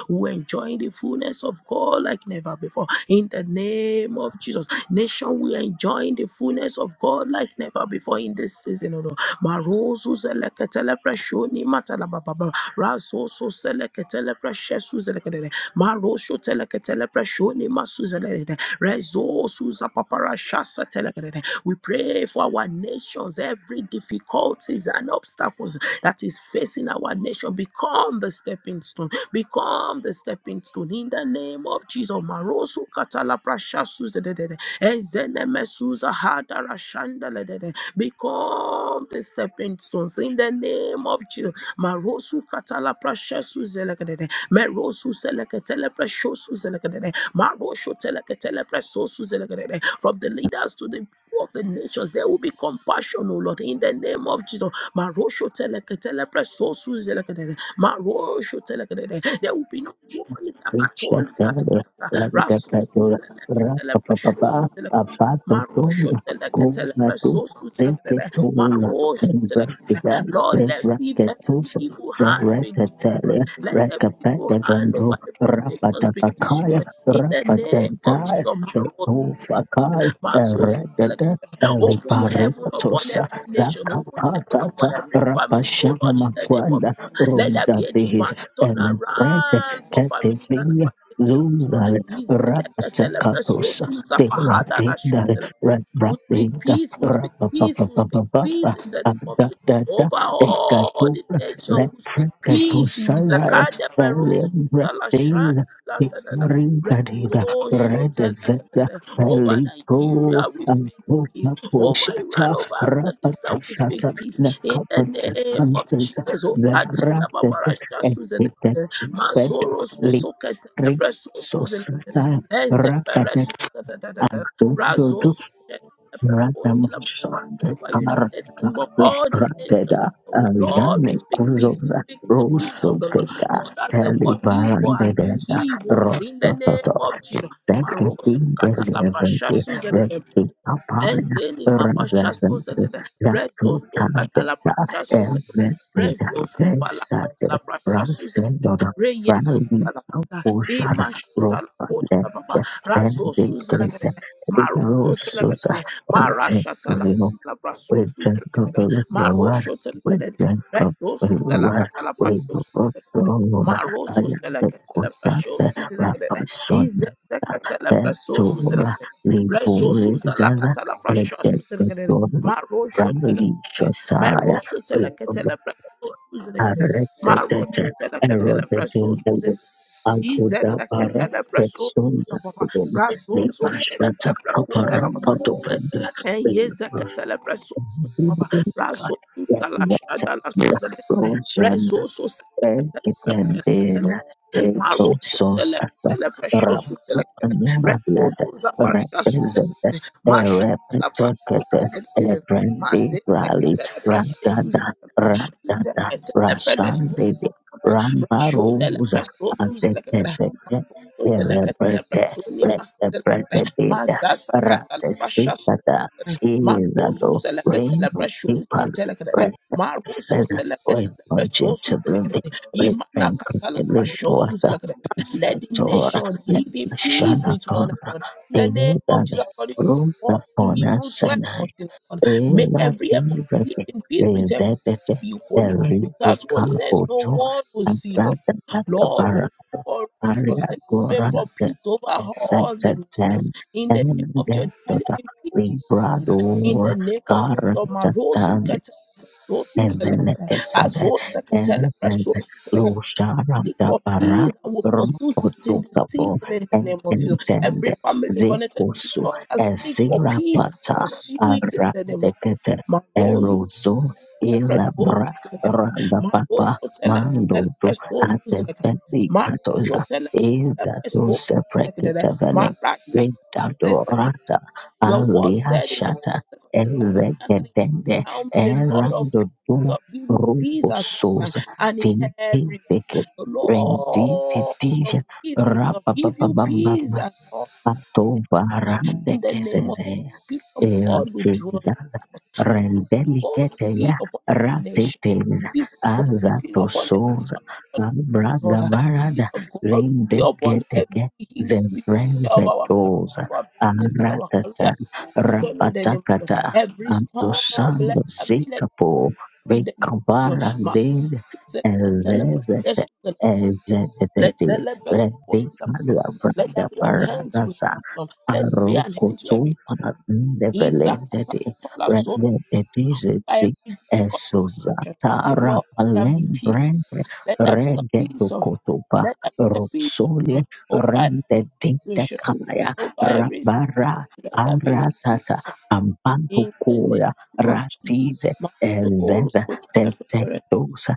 we're enjoying the fullness of God like never before. In the name of Jesus. Nation, we are enjoying the fullness of God like never before in this season, oh Lord. Marozu zeleketele preshoni matalababa. Razoso zeleketele preshesu zeleketele. Marosho teleketele preshoni masu zeleketele. Rezosu zapapara shasa teleketele. We pray for our nations, every difficulties and obstacles that is facing our nation become the stepping stone become the stepping stone in the name of Jesus. Marosu katala prashasuz dedede, enzenemesuza hadarashandaledede, become the stepping stones in the name of Jesus. Marosu katala prashasuz elekedede, merosu seleketele prashosuz elekedede, marosho teleketele prashosuz elekedede. From the leaders to the people of the nations, there will be compassion, O Lord, in the name of Jesus. Marosho teleketele prashosuz elekedede, Maro shotelekede. There will be no war in the Richard Catholic Catatata. Rasu Langapadura Selekatele Presho Rapapapa Selekede. Apato Maro Tonda shotelekatele Kunatu Presho Selekede. Zeketula Maro shotelekede. Nembrakida Lord, let ev- every Rekrakatus evil hand be destroyed. Zeretatale Let every evil Rekapeta hand Vendo over every nation be Rapatapakaya destroyed. In the name of Jesus, Rapatantai Maro Zetufakaya Maso Eredada Selekete. Open heaven upon Eliparikatosa every nation. Open heaven upon Zakapatata every family, oh Rapashana Lord, in the name of Makwanda Jesus. Let there be Runda a Bihis divine and turnaround for families and Ketefin our nations, oh Lord. Zuzal Please, Selekete, Selekete, so Rapatakatos Susa Pahada Terate na Shu Dale Selekete. We speak Rabrapeda peace, we speak peace, we speak Rapapapapapa peace in the name of Jesus. Adadada Over all the Ekatopra nation, we speak peace in Leprekatosalae Zakade Peru, Susa La Velebretela Shani, Picarinadida Rezo Redezeta shotelekatete. Over Pelipro Nigeria, we speak peace. Antopa Over Poishata Iran, over Afghanistan, we Rapatashata speak peace. In the name of Nekapatapanteza Jesus. O Kadina Verate Babarasha Suzede. Epitet Masoro Li Sosokete. Rezo Suzele. risorsa Ezebere rakatete Suzede. Razo dudu Sosete. radam Pekotila Baba. shante Over United kamarata Kingdom, le all the nations. of rateda the world. Lord, we aljane speak peace. We kuzora speak the peace rusu of the Lord teka not as the teli world give, but barande as you deda give, O Lord, in the name rosa of Jesus. Seketi Marosu katalabasha desirante suzede. rekistapana Enzeni mapashaso rezazende zedede. Rezo sukatala yakutazeta prashaso zedede. evretida Rezo supa la desate katala prashaso zedede. raseloda Reyezo rali salakata. akushada Ima shatala kota ropane la baba. Razo endetete suzelekede. Maroso irosuza selekede. Mara shatala rejekuvino katala praso we drink of the suzelekede. living Maro water. We shotelekede. drink of Rezo the living suzela water. katala We praso go up so suzelekede. long. I am Maroso the selekede la Kosa, prasho the suzelekede. Rapason, Ize sekete la the praso Tora, Reso Libori suza la Zaza, katala and prasha the suza la kadere. Tora, Ma rosho tele Bradley kete. Ma Shotaya. rosho We tele ketele preso suza la kadere. Ma arrested rosho the tele ketele eroded preso in suza the la kadere. wood. Izeza Alkudabara, ketele the preso sons suza of papa. the woman, the Razo so Pashata shetele preso la Kapara, papa. Patovenda, En yeza ketele preso suza papa. God, Razo let suza la that shada la suza la roll shine kadere. and Ekitendera Maro reto Shotele, sosata Telepeshosu, rapto Telekere, animaliada Rekosu Zapashashu, represente Masha, Labrasu, erepetekete Tekere, elegrandi Mase, rali Tekele, Preshosu, ragada ragada Zekele, Pelesu, rasandevi Rasho, rambaruza Telepreshosu, azeketeke erebete retepretedida ratesikata irado reino pipal retepeseda Wait, my children, Remain completely forth and let the Satora. nation Let live in the peace Shana with one Korba another. In the be name of Jesus, that according to the room the word in Fona Hebrew twelve Sanai. fourteen. 14, Lord, make Ela every effort to live Direk in peace with everyone Rezetete and be holy. Without Eribrika holiness, no Oto one will see God. Asada Lord, we Tatabara pray for Aria righteousness. We pray for Gorante peace over all the nations. Esatatan In the name of Enemende Jesus, we live Tota in peace in Librador the name of Jesus, Marosu Garantatan Ketelepresosu Zelegrebe, Neveletesere, Azot Elevele, Seketelepresosu Zelegrebe. Lushara Seek for Dabara, peace and will pursue it in this season Rokotokapo, in the name of Jesus. Every Ententende, family connected to this Zikusu, altar, seek for peace and Ezirapata, pursue it in the name of Arandekete, Jesus. Marosu Erozo, Ketelepresosu Ilabra, Zelegrebe, Ragapapa, Marosho Mandodo, Teleketelepresosu Zelegrebe, Atefeli Katoza, Marosho Izato Teleketelepresosu Zelegrebe, Sepreketevene, Marasha Teleketelepresosu Vindado Zelegrebe. Rata, Your word said in the Aliashata, book of 2 Thessalonians 3 Ezeketende, Now may the Lord of peace Erandoduma himself give you peace at all times ropososa and in teke every teke way. The Lord of renditidija peace himself give you peace at all times. Atova in rande the name of kezezeya the peace of God will dwell elatiza in us. The peace of God will rendeliketeya be upon our nation. ratiteza The peace of God will be upon every azatosoza family. Lord. The abragabarada peace of God will be upon every rendeketeke individual area of our marriage, zevrenzetoza our businesses, our aratata career, children in the name of Jesus. rapatakata Every storm, let antosando that be like zikapo in the name of vekavara Jesus. Ma- dele zele- ketele- pe- evezete yes, zele- let ezetetete tele- bele- po- Rebe la- pa- pa. Maria Let there Branda be an hand to every Baragasa storm. Let there be an hand to Arokoto every Iza- kata- Pandevelendede pa- la- so by Rendedezezi every difficult situation. Esozata Oh Lord, let there be peace. Rapalembrende Let there be the peace of God. Regedokotopa Let there be the peace of Rosole God. Oh, Rendedinda my Kaya over every sin, Rabara let there be the peace Aratata of in the name Ambantukoya of Jesus. Ratize My soul Ezeza put in the preparation. Tetedosa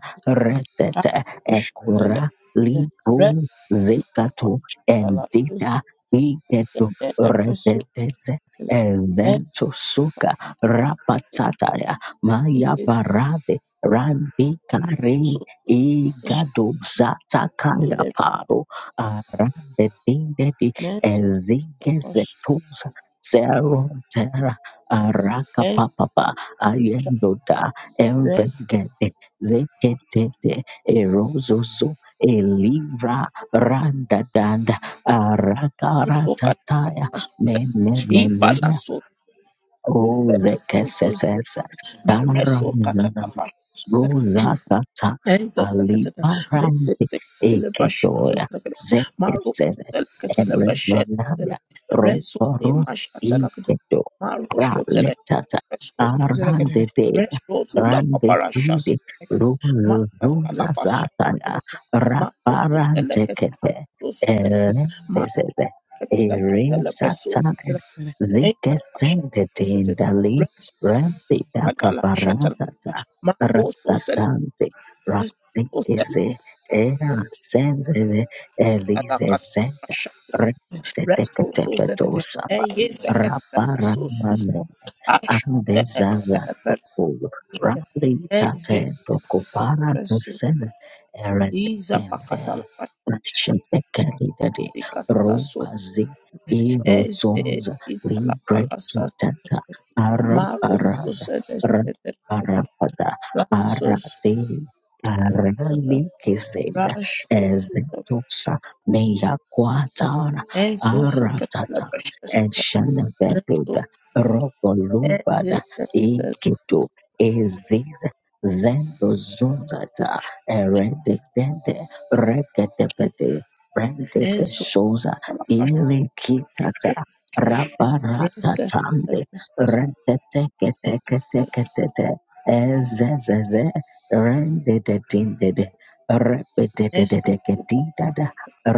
I Retete push the Ekora left the rest Zikato to my Zikatu shala to endita get iketu in the pursuit. retetese And eventusuka rapatataya it maya is barade randikare so much igadu that zatakaya the paru arade dindedi men so the push ezigezetuza zerotera and arakapapapa ayendoda rest emvengede zeketete erozozo a Randa danda and arakara so cut tataya mene menia o so so. zekesesesa. Rozakata Ezekatela, aliparante Resetele eketoya Bashutele, Maru zekesere Telekatele Bashetele, erenonaya Resuni roporu Mashatele, inteto Maru Shotele, praletata Resus Zelekatele, arandetea Resotu La Paparashas, randetide Masata La Pasha, rozazataya Maru Telekatus, raparantekete Maru erendesete Telekatele Presus, eresataya Enta Pasha, zekesendetendali Resus Katala Shatala, rempidakaparatata Maru Sele. Satante Rasikise Era Sense Elise Kalakata Senta Rasha Rekete Reso Tepeto Suzette Sapa Eyesekete Reso Suzette Andezaza Ashudekete toko Perezette rali tate toko Ezesekete para Reso kusele Iza eredende Pakata La nashintekeli dede Pikata La Suzette rubazi Eze irozonza Itala libre Palasa kitata Maro arabarada Suzette rabarapada Reso Suzette arade arali kiseza Rasho ezetosa meyakwatara Ezo Sokete La aratata eshenebeduda Precious Rogo Lumbada Ezekete Ikitu Iziz Zendo Zunzata Ereditende Reketepete Rendete Esu Souza Asu Ilikitata Shed Rese Rabaratatande Tepestes Eze Reteteketeketeketete Ezezeze Rendedetindede Esu Repetetetetetida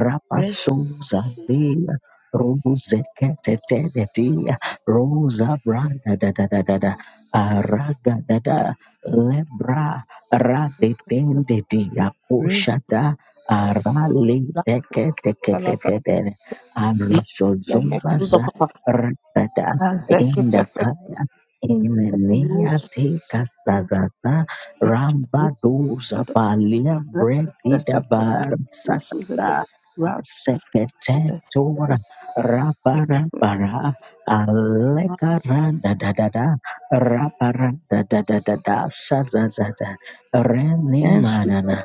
Rapa Rese Souza Dia Rubuzekete Rosa Branda da da da da da Araga da da Lebra Rade Dende Dia Rese Koshada Arali Lapus Teke Teke Salapra Tete Tete Ariso Lemetuza Zumbaza Papa Rada Azekete Indakaya Imenia Eus Tika Rese Sazaza Ramba Doza Balia Yushed Rese Bredida Bar Suzed Satata Ratus Seketetora Rese Rabara Alekaranda da da da, raparanda da da da da, shazazada, reni Yes, manana,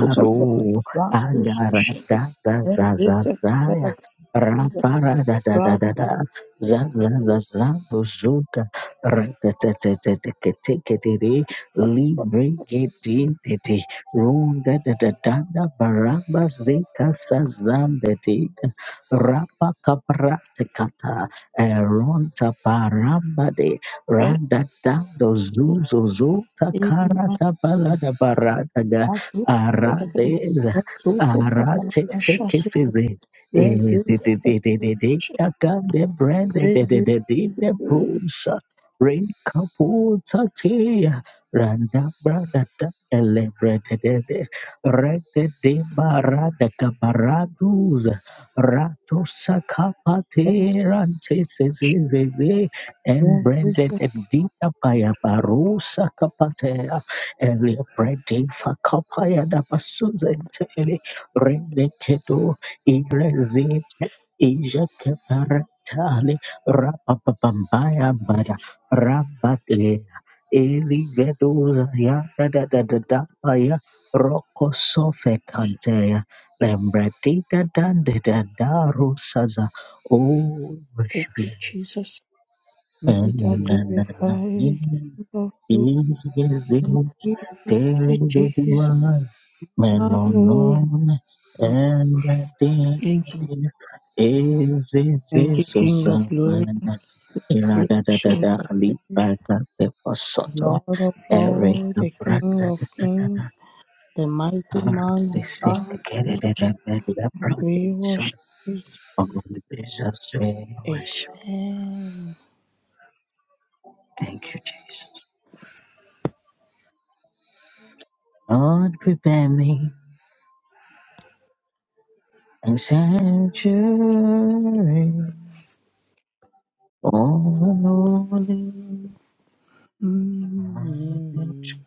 Utalabat, Rastus, agara Shedder, da da and za za this zaya, Television, rapara da da da Rastus, da da, za za za za do zuka, ratatatatatatakatakatiri, librigidindidi, runda da da da da, baramba zika sazandadida, rapa kaprata kata. Eronta parambade randa dando zuzo zuta karata balada barada da Rasu, Telekade, arade and Susu Katala, arate seke Shasu, fize. Eh, de- Raises, de- de- de- de- de- de brande de de de Raises, de de de brusa rekaputa tea randa brada da elebre de de de rete de barada kabaradu Rato and sakapate rante se se se se Raises. embranded edita paya baru sakapatea elia brandi fakapaya da basuzente eli rende kedo irezite ija keparentale rapapapambaya bada rabatea eli vedoza ya da da da da da paya roko sofe Lambradidadandidadarosaza. Oh, Thank worship you, you. Jesus. May Na na thou na na glorify, na. thou glory, Is thank you, this why Jesus. Menonon and the dead Thank you. is is Thank you, is King of glory, Susanna. Ira the da da da ancient da of ali days, bata de pasoto. Lord of Eric lords, the Brad King of kings, the mighty Har man the in sick God. carried a belly We worship you. Oh, Jesus we worship. Amen. Thank you, Jesus. Lord, prepare me a sanctuary. Oh, holy. Mm.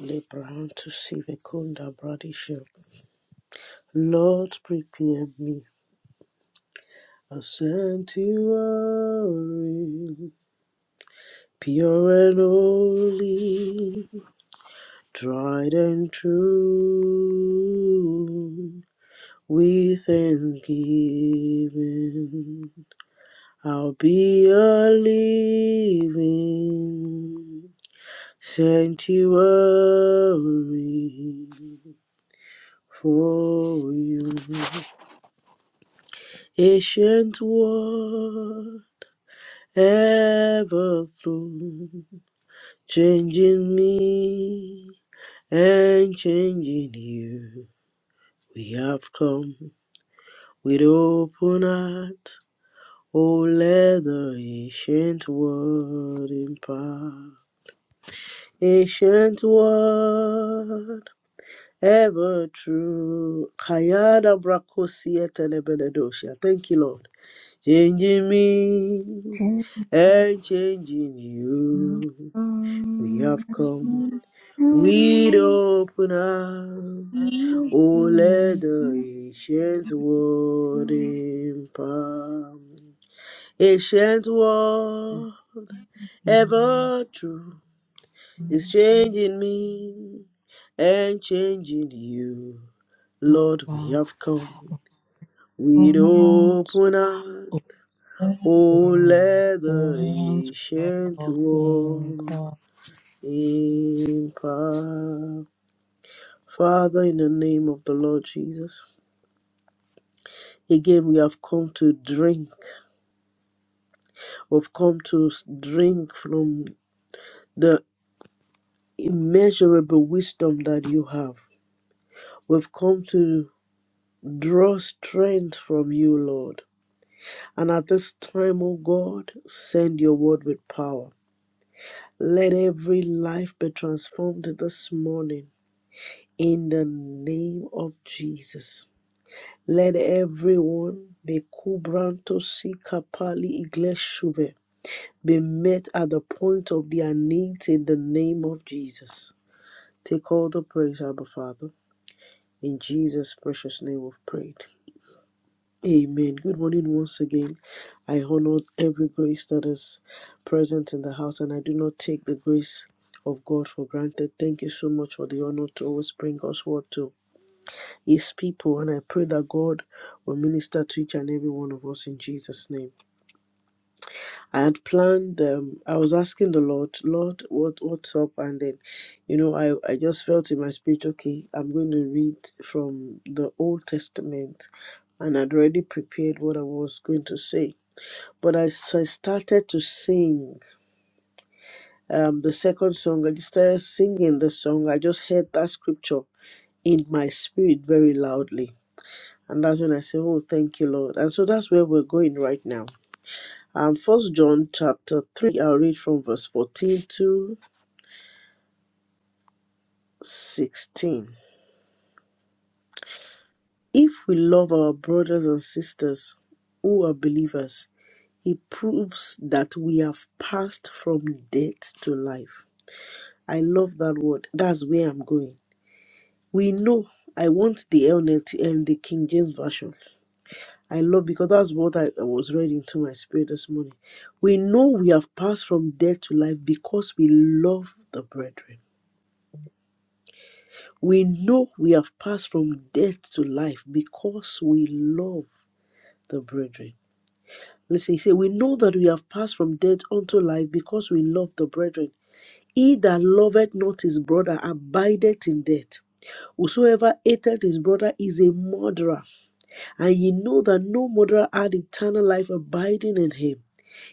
Lebranto Sivikunda Bradisha. Lord, prepare me a sanctuary, pure and holy, tried and true. With thanksgiving, I'll be a living sanctuary for you. ancient war, ever through, changing me and changing you. We have come with open heart, oh let the ancient word impart. Ancient word, ever true. Kayada brakosia telebedosha. Thank you, Lord. Changing me Thank and changing you. you. Mm. We have come with open arms. Oh, let the ancient world impart. Ancient world, ever true, is changing me and changing you. Lord, we have come with open arms. Lord, Things Oh, let the will seem ancient world possible. Amen. Father, in the name of the Lord Jesus, again we have come to drink. We've come to s- drink from the immeasurable wisdom that you have. We've come to draw strength from you, Lord. And at this time, O God, send your word with power. Let every life be transformed this morning in the name of Jesus. Let everyone be kubranto si kapali igleshuve be met at the point of their need in the name of Jesus. Take all the praise, Abba Father. In Jesus' precious name we've prayed. Amen. Good morning once again. I honor every grace that is present in the house and I do not take the grace of God for granted. Thank you so much for the honor to always bring us word to His people, and I pray that God will minister to each and every one of us in Jesus' name. I had planned. Um, I was asking the Lord, Lord, what what's up? And then, you know, I I just felt in my spirit, okay, I'm going to read from the Old Testament, and I'd already prepared what I was going to say. But as I started to sing, um, the second song, I just started singing the song. I just heard that scripture in my spirit very loudly And that's when I say, Oh, thank you, Lord. And so that's where we're going right now. Um, first John chapter three, I'll read from verse 14 to 16. If we love our brothers and sisters who are believers, it proves that we have passed from death to life. I love that word. That's where I'm going. We know I want the LNT and the King James Version. I love because that's what I, I was reading into my spirit this morning. We know we have passed from death to life because we love the brethren. We know we have passed from death to life because we love the brethren. Listen, he said, We know that we have passed from death unto life because we love the brethren. He that loveth not his brother abideth in death. Whosoever hateth his brother is a murderer. And ye know that no murderer had eternal life abiding in him.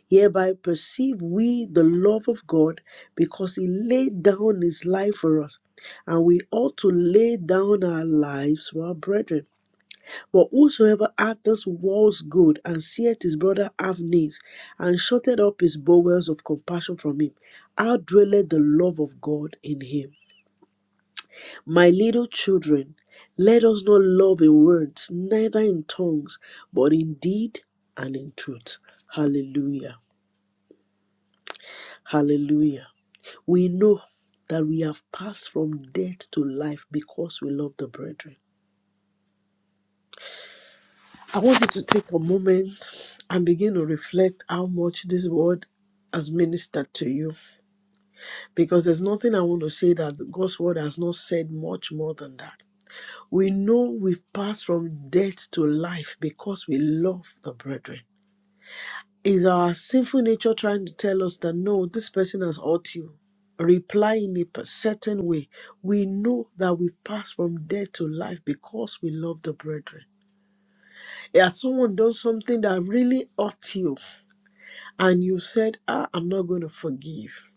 Hereby perceive we the love of God because he laid down his life for us. And we ought to lay down our lives for our brethren. But whosoever hath this world's good and seeth his brother have needs, and shutteth up his bowels of compassion from him, how dwelleth the love of God in him? My little children, let us not love in words, neither in tongues, but in deed and in truth. Hallelujah. Hallelujah. We know that we have passed from death to life because we love the brethren. I want you to take a moment and begin to reflect how much this word has ministered to you. Because there's nothing I want to say that God's word has not said much more than that. We know we've passed from death to life because we love the brethren. Is our sinful nature trying to tell us that no, this person has hurt you? Reply in a certain way. We know that we've passed from death to life because we love the brethren. Has someone done something that really hurt you and you said, ah, I'm not going to forgive?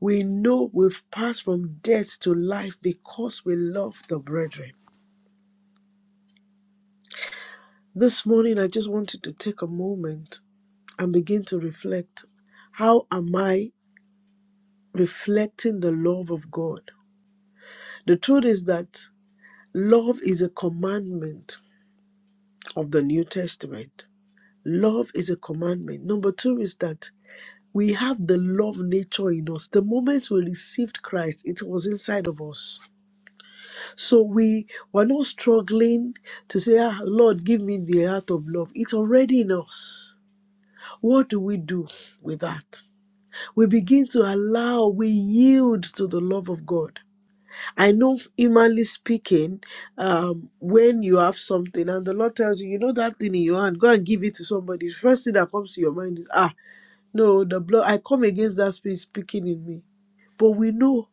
We know we've passed from death to life because we love the brethren. This morning, I just wanted to take a moment and begin to reflect how am I reflecting the love of God? The truth is that love is a commandment of the New Testament. Love is a commandment. Number two is that we have the love nature in us. The moment we received Christ, it was inside of us. So we were not struggling to say, ah, Lord, give me the heart of love. It's already in us. What do we do with that? we begin to allow, we yield to the love of God. I know, humanly speaking, um, when you have something and the Lord tells you, you know that thing in your hand, go and give it to somebody. The first thing that comes to your mind is, ah, no, the blood, I come against that spirit speaking in me. But we know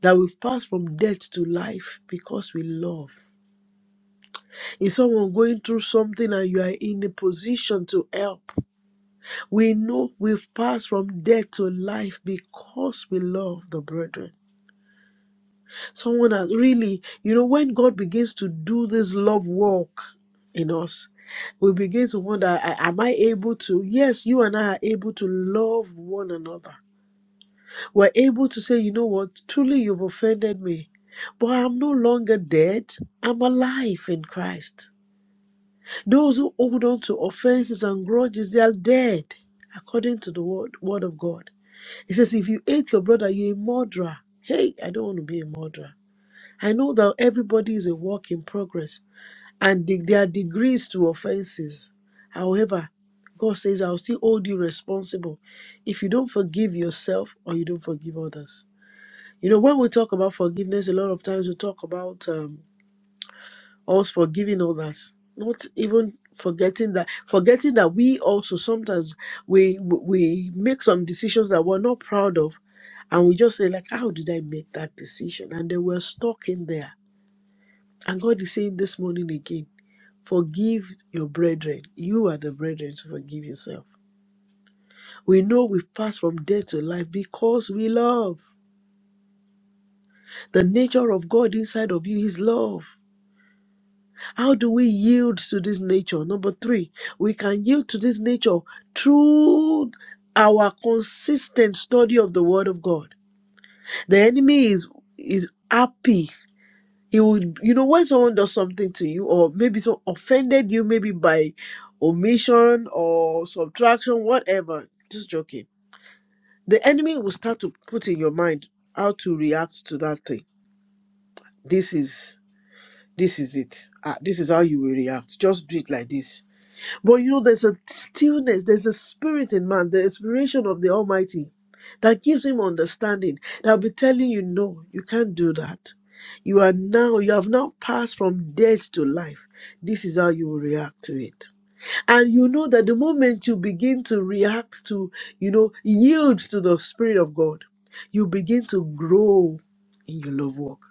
that we've passed from death to life because we love. Is someone going through something and you are in a position to help? We know we've passed from death to life because we love the brethren. Someone has really, you know, when God begins to do this love work in us, we begin to wonder "A- am i able to yes you and i are able to love one another we're able to say you know what truly you've offended me but i'm no longer dead i'm alive in christ those who hold on to offenses and grudges they are dead according to the word, word of god it says if you hate your brother you're a murderer hey i don't want to be a murderer I know that everybody is a work in progress and the- there are degrees to offenses. However, God says, I'll still hold you responsible if you don't forgive yourself or you don't forgive others. You know, when we talk about forgiveness, a lot of times we talk about um, us forgiving others, not even forgetting that forgetting that we also sometimes we we make some decisions that we're not proud of and we just say like how did i make that decision and then we're stuck in there and God is saying this morning again, forgive your brethren. You are the brethren to forgive yourself. We know we've passed from death to life because we love. The nature of God inside of you is love. How do we yield to this nature? Number three, we can yield to this nature through our consistent study of the Word of God. The enemy is is happy it would you know when someone does something to you or maybe so offended you maybe by omission or subtraction whatever just joking the enemy will start to put in your mind how to react to that thing this is this is it ah, this is how you will react just do it like this but you, there's a stillness, there's a spirit in man, the inspiration of the Almighty that gives him understanding. That'll be telling you, no, you can't do that. You are now, you have now passed from death to life. This is how you will react to it. And you know that the moment you begin to react to, you know, yield to the Spirit of God, you begin to grow in your love walk.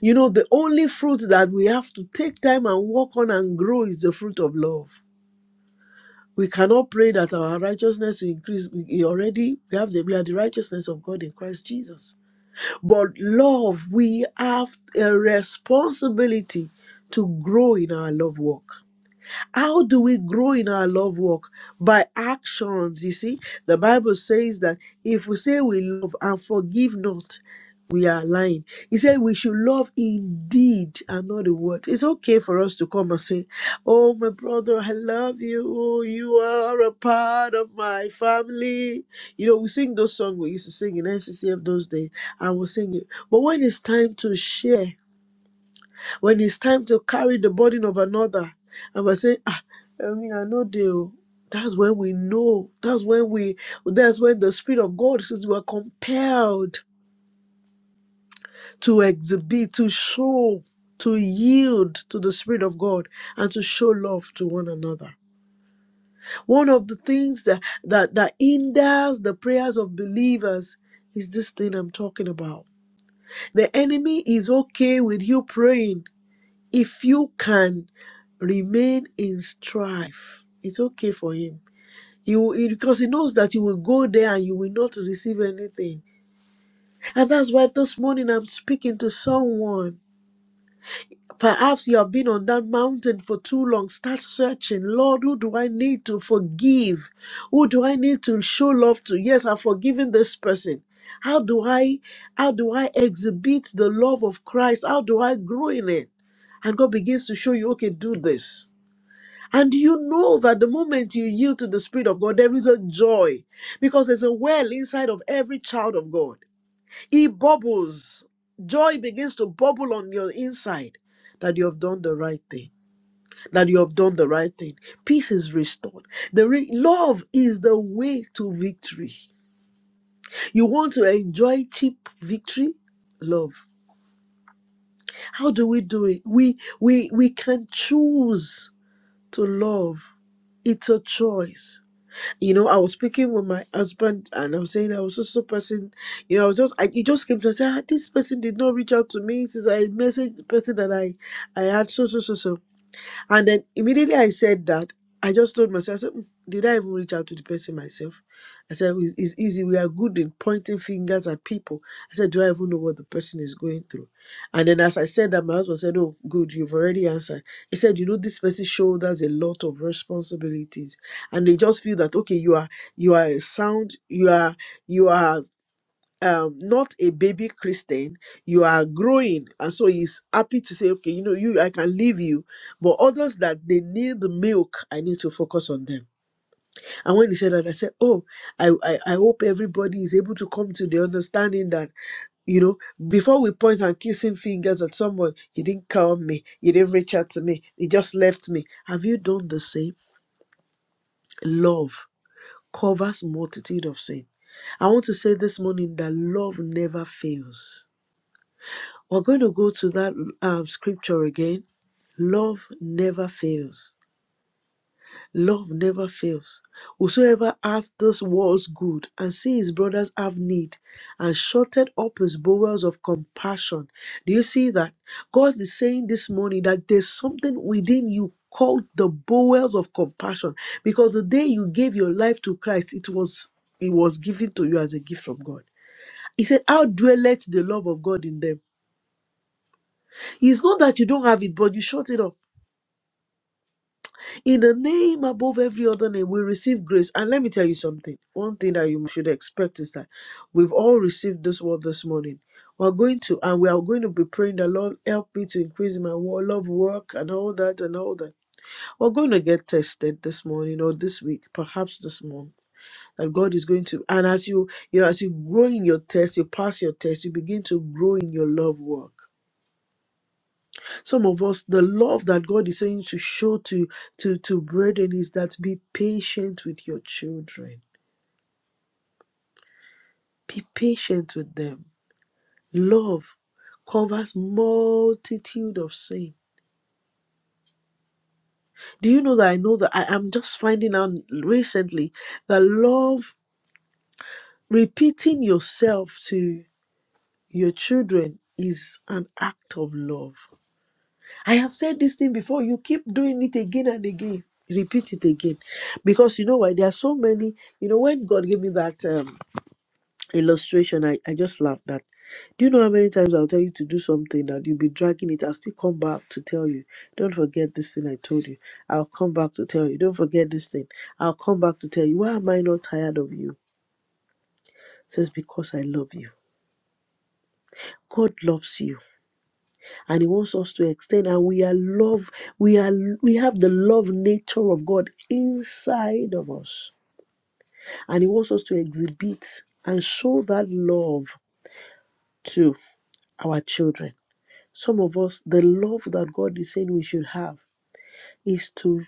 You know, the only fruit that we have to take time and work on and grow is the fruit of love We cannot pray that our righteousness will increase. We we already we have the we are the righteousness of God in Christ Jesus. But love, we have a responsibility to grow in our love walk. How do we grow in our love walk? By actions, you see. The Bible says that if we say we love and forgive not, we are lying. He said we should love indeed and not the word. It's okay for us to come and say, Oh, my brother, I love you. Oh, you are a part of my family. You know, we sing those songs we used to sing in NCCF those days, and we'll sing it. But when it's time to share, when it's time to carry the burden of another and we're saying ah i mean i know they oh." that's when we know that's when we that's when the spirit of god says we are compelled to exhibit to show to yield to the spirit of god and to show love to one another one of the things that that that hinders the prayers of believers is this thing i'm talking about the enemy is okay with you praying if you can remain in strife it's okay for him he will, he- because he knows that you will go there and you will not receive anything and that's why this morning i'm speaking to someone perhaps you have been on that mountain for too long start searching lord who do i need to forgive who do i need to show love to yes i've forgiven this person how do i how do i exhibit the love of christ how do i grow in it and god begins to show you okay do this and you know that the moment you yield to the Spirit of God, there is a joy because there's a well inside of every child of God. It bubbles. Joy begins to bubble on your inside that you have done the right thing, that you have done the right thing. Peace is restored. The re- love is the way to victory. You want to enjoy cheap victory? Love. How do we do it? We we we can choose to love. It's a choice. You know, I was speaking with my husband and I was saying I was just so person, you know, I was just I it just came to say, ah, this person did not reach out to me since I messaged the person that I I had so so so so. And then immediately I said that, I just told myself, I said, "Mm, did I even reach out to the person myself? I said, "Well, it's easy. We are good in pointing fingers at people. I said, do I even know what the person is going through? And then as I said that, my husband said, oh, good, you've already answered. He said, you know, this person shoulders a lot of responsibilities. And they just feel that, okay, you are, you are a sound, you are, you are um not a baby christian you are growing and so he's happy to say okay you know you i can leave you but others that they need the milk i need to focus on them and when he said that i said oh i i, I hope everybody is able to come to the understanding that you know, before we point and kissing fingers at someone, you didn't call me, you didn't reach out to me, you just left me. Have you done the same? Love covers multitude of sin. I want to say this morning that love never fails We're going to go to that um, scripture again. Love never fails. Love never fails. Whosoever hath those world's good and see his brothers have need and shutted up his bowels of compassion. Do you see that? God is saying this morning that there's something within you called the bowels of compassion because the day you gave your life to Christ, it was it was given to you as a gift from God. He said, How dwelleth the love of God in them? It's not that you don't have it, but you shut it up. In the name above every other name, we receive grace. And let me tell you something. One thing that you should expect is that we've all received this word this morning. We're going to, and we are going to be praying that Lord help me to increase my wo- love work and all that and all that. We're going to get tested this morning or this week, perhaps this month. That God is going to, and as you, you know, as you grow in your test, you pass your test, you begin to grow in your love work. some of us the love that god is saying to show to to to brethren is that be patient with your children be patient with them love covers multitude of sin do you know that i know that i am just finding out recently that love repeating yourself to your children is an act of love I have said this thing before. You keep doing it again and again. Repeat it again. Because you know why? There are so many. You know, when God gave me that um, illustration, I, I just laughed that. Do you know how many times I'll tell you to do something that you'll be dragging it? I'll still come back to tell you. Don't forget this thing I told you. I'll come back to tell you. Don't forget this thing. I'll come back to tell you. Why am I not tired of you? It says, Because I love you. God loves you. and he wants us to extend and we are love we are we have the love nature of god inside of us and he wants us to exhibit and show that love to our children some of us the love that god is saying we should have is to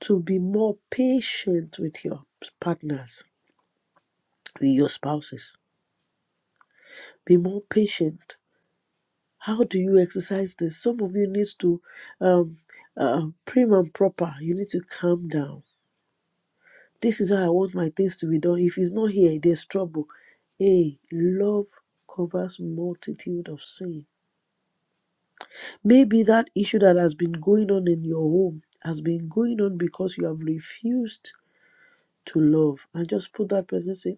to be more patient with your partners with your spouses be more patient how do you exercise this some of you need to um uh, prim and proper you need to calm down This is how I want my things to be done. If it's not here, there's trouble. Hey, love covers multitude of sin. Maybe that issue that has been going on in your home has been going on because you have refused to love. And just put that person say,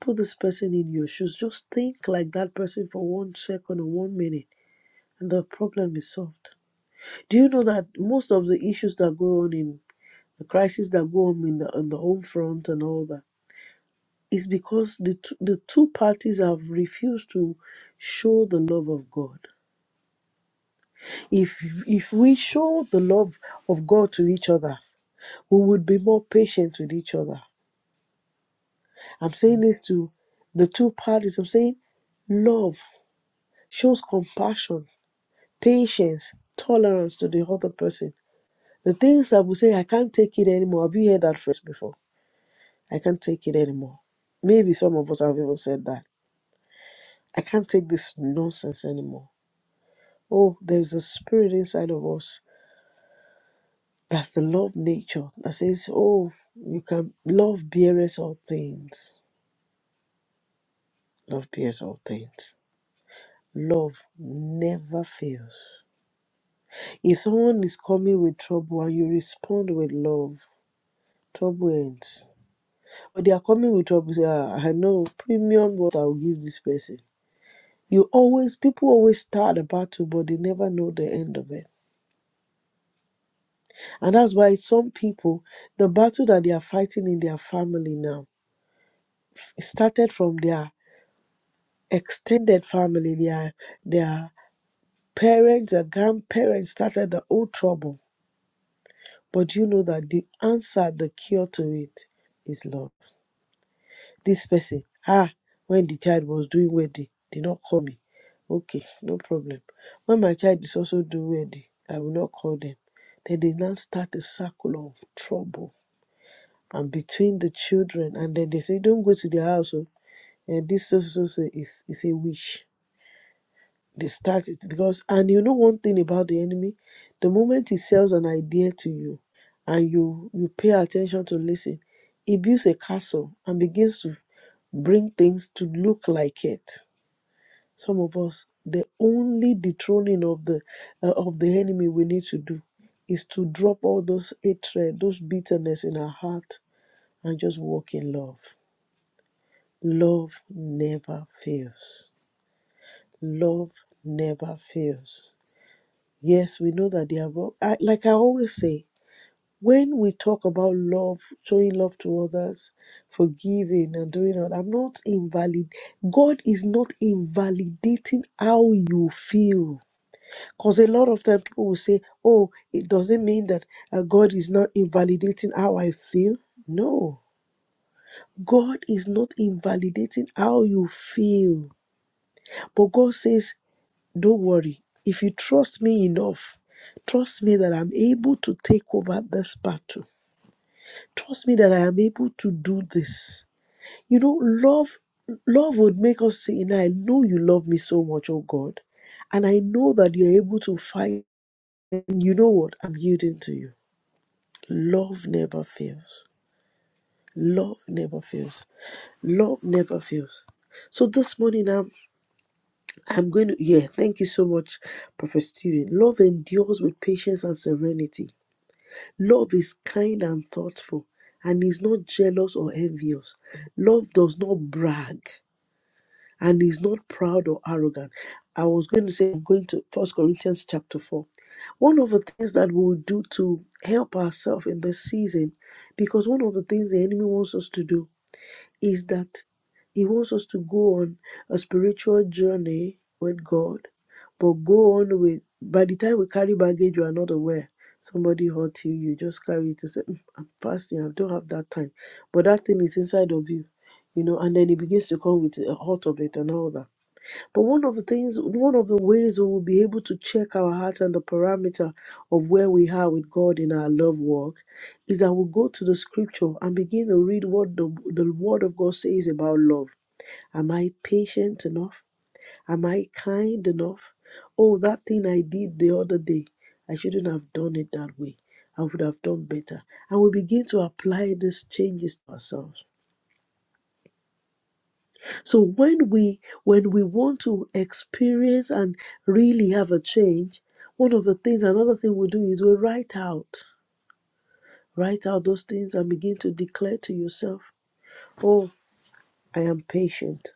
put this person in your shoes. Just think like that person for one second or one minute. And the problem is solved. Do you know that most of the issues that go on in the crises that go on in the on the home front and all that? is because the two, the two parties have refused to show the love of God. If if we show the love of God to each other, we would be more patient with each other. I'm saying this to the two parties. I'm saying love shows compassion, patience, tolerance to the other person. The things that we say, I can't take it anymore. Have you heard that phrase before? I can't take it anymore. Maybe some of us have even said that. I can't take this nonsense anymore. Oh, there's a spirit inside of us. That's the love nature that says, Oh, you can love bearers all things. Love bears all things. Love never fails. If someone is coming with trouble and you respond with love, trouble ends. But they are coming with trouble, say, ah, I know premium what I'll give this person. You always people always start a battle, but they never know the end of it. And that's why some people the battle that they are fighting in their family now It started from their extended family, their their parents, their grandparents started the whole trouble. But you know that the answer, the cure to it is love. This person, ah, when the child was doing wedding, did not call me. Okay, no problem. When my child is also doing wedding, I will not call them. Then they now start a circle of trouble. And between the children, and then they say, Don't go to their house. oh, And this so so so is, is a wish They start it because, and you know one thing about the enemy, the moment he sells an idea to you, and you you pay attention to listen, he builds a castle and begins to bring things to look like it. Some of us, the only dethroning of the uh, of the enemy we need to do is to drop all those hatred, those bitterness in our heart, and just walk in love. Love never fails. Love never fails. Yes, we know that they are wrong. I, like I always say, when we talk about love, showing love to others, forgiving and doing all, I'm not invalid. God is not invalidating how you feel. Because a lot of time people will say, oh, it doesn't mean that uh, God is not invalidating how I feel. No, God is not invalidating how you feel. But God says Don't worry. If you trust me enough, trust me that I'm able to take over this battle. Trust me that I am able to do this. You know, love love would make us say, you know, I know you love me so much, oh God. And I know that you're able to fight. And you know what? I'm yielding to you. Love never fails. Love never fails. Love never fails. So this morning I'm I'm going to, yeah, thank you so much, Prophet Stephen. Love endures with patience and serenity. Love is kind and thoughtful and is not jealous or envious. Love does not brag and is not proud or arrogant. I was going to say, I'm going to First Corinthians chapter 4. One of the things that we'll do to help ourselves in this season, because one of the things the enemy wants us to do is that He wants us to go on a spiritual journey with God, but go on with, by the time we carry baggage, you are not aware. Somebody hurt you, you just carry it to say, "Mm, I'm fasting, I don't have that time. But that thing is inside of you, you know, and then it begins to come with a hurt of it and all that. But one of the things, one of the ways we will be able to check our heart and the parameter of where we are with God in our love walk is that we'll go to the scripture and begin to read what the, the word of God says about love. Am I patient enough? Am I kind enough? Oh, that thing I did the other day, I shouldn't have done it that way. I would have done better. And we begin to apply these changes to ourselves. So when we when we want to experience and really have a change, one of the things another thing we do is we write out. Write out those things and begin to declare to yourself, "Oh, I am patient.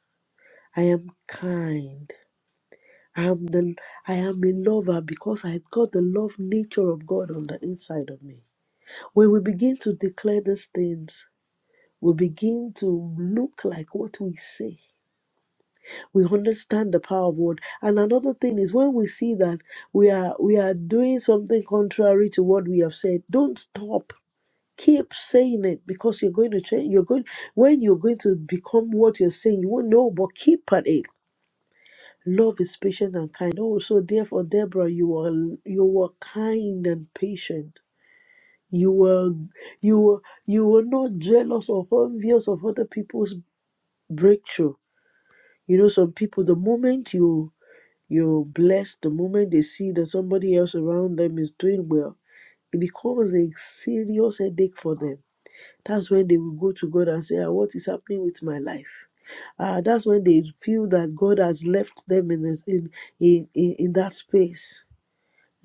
I am kind. I am the I am a lover because I've got the love nature of God on the inside of me." When we begin to declare these things, we begin to look like what we say we understand the power of word and another thing is when we see that we are we are doing something contrary to what we have said don't stop keep saying it because you're going to change you're going when you're going to become what you're saying you won't know but keep at it love is patient and kind Oh, so therefore deborah you were you were kind and patient you were you were you were not jealous or envious of other people's breakthrough you know some people the moment you You're blessed the moment they see that somebody else around them is doing well. It becomes a serious headache for them. That's when they will go to God and say, "Ah, What is happening with my life? Uh, that's when they feel that God has left them in, this, in, in, in, in that space.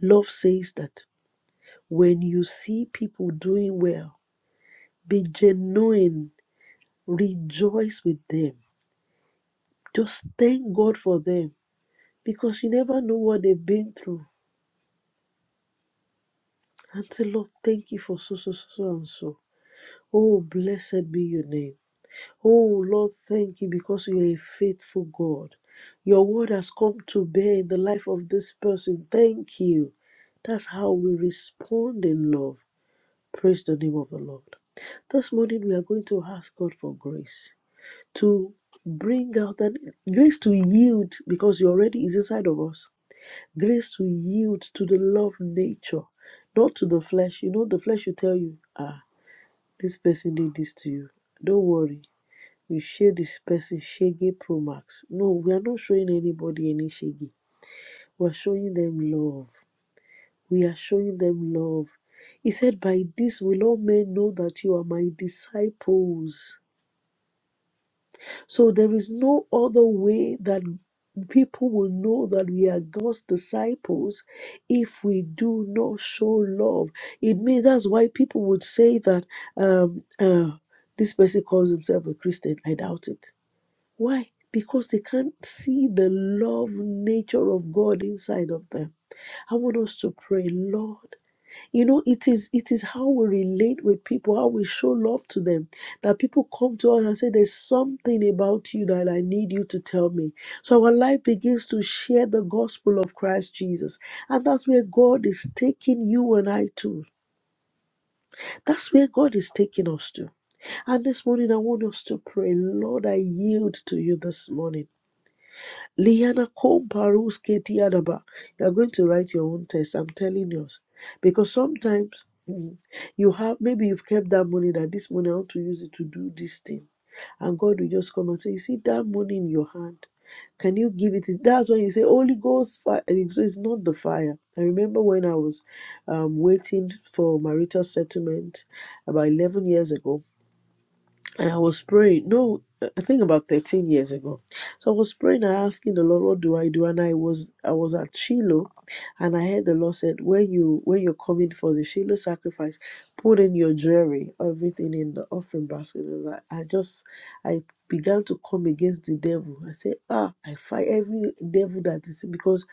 Love says that when you see people doing well, be genuine, rejoice with them. Just thank God for them because you never know what they've been through. Auntie Lord, thank you for so, so, so, so, and so. Oh, blessed be your name. Oh, Lord, thank you because you are a faithful God. Your word has come to bear in the life of this person. Thank you. That's how we respond in love. Praise the name of the Lord. This morning, we are going to ask God for grace to bring out that grace to yield because you already is inside of us Grace to yield to the love nature, not to the flesh. You know, the flesh will tell you, ah, this person did this to you. Don't worry. We share this person shaggy promax. No, we are not showing anybody any shaggy. We are showing them love. We are showing them love. He said, By this will all men know that you are my disciples So there is no other way that people will know that we are God's disciples if we do not show love. It means that's why people would say that um, uh, this person calls himself a Christian. I doubt it. Why? Because they can't see the love nature of God inside of them. I want us to pray, Lord you know it is it is how we relate with people how we show love to them that people come to us and say there's something about you that i need you to tell me so our life begins to share the gospel of christ jesus and that's where god is taking you and i to that's where god is taking us to and this morning i want us to pray lord i yield to you this morning Liana Komparuske Tiadaba. You're going to write your own test. I'm telling you. Because sometimes mm, you have maybe you've kept that money that this money I want to use it to do this thing. And God will just come and say, You see that money in your hand. Can you give it? That's when you say Holy Ghost fire. And it's it's not the fire. I remember when I was um, waiting for marital settlement about 11 years ago and I was praying. No, I think about thirteen years ago. So I was praying and asking the Lord, "What do I do?" And I was I was at Shiloh, and I heard the Lord said, "When you when you're coming for the Shiloh sacrifice, put in your jewelry, everything in the offering basket." And I, I just I began to come against the devil. I said, "Ah, I fight every devil that is because."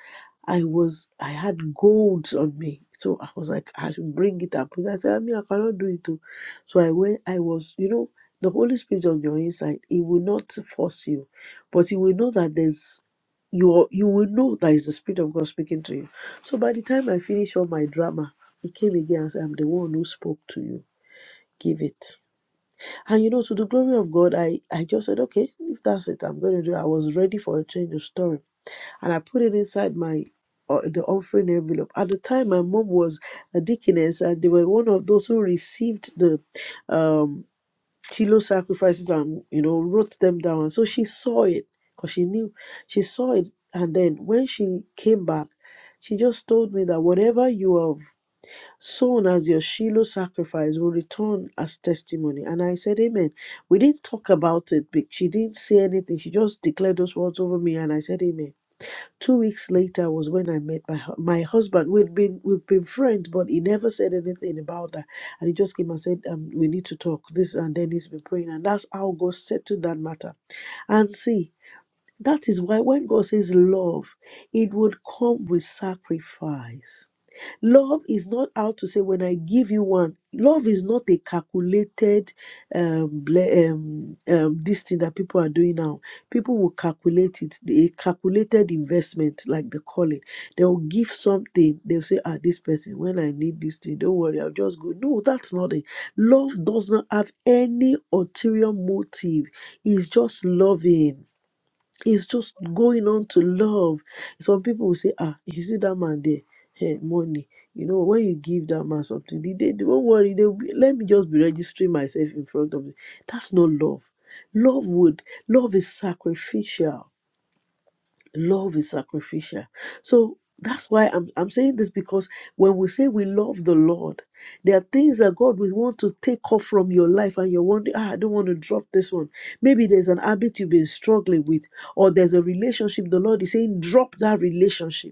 I was I had gold on me. So I was like, I should bring it and put it. I said, I mean, I cannot do it. Too. So I went, I was, you know, the Holy Spirit on your inside, He will not force you, but He will know that there's you are- you will know that is the Spirit of God speaking to you. So by the time I finished all my drama, He came again and said, I'm the one who spoke to you. Give it. And you know, to the glory of God, I, I just said, okay, if that's it, I'm going to do it. I was ready for a change of story. And I put it inside my uh, the offering envelope. At the time, my mom was a deaconess, and they were one of those who received the um Shiloh sacrifices and you know wrote them down. So she saw it because she knew she saw it. And then when she came back, she just told me that whatever you have sown as your Shiloh sacrifice will return as testimony. And I said, Amen. We didn't talk about it, but she didn't say anything. She just declared those words over me, and I said, Amen. Two weeks later was when I met my hu- my husband. We'd been we've been friends, but he never said anything about that. And he just came and said, um, "We need to talk." This and then he's been praying, and that's how God settled that matter. And see, that is why when God says love, it would come with sacrifice Love is not how to say, when I give you one, love is not a calculated um, ble- um, um, this thing that people are doing now. People will calculate it, a calculated investment, like they call it. They will give something, they'll say, ah, this person, when I need this thing, don't worry, I'll just go. No, that's not it. Love does not have any ulterior motive, it's just loving it's just going on to love. Some people will say, ah, you see that man there, hey, money. You know, when you give that man something, they, they, they not worry. They will be, let me just be registering myself in front of you. That's not love. Love would love is sacrificial love is sacrificial so that's why I'm, I'm saying this because when we say we love the lord there are things that god will want to take off from your life and you're wondering ah, i don't want to drop this one maybe there's an habit you've been struggling with or there's a relationship the lord is saying drop that relationship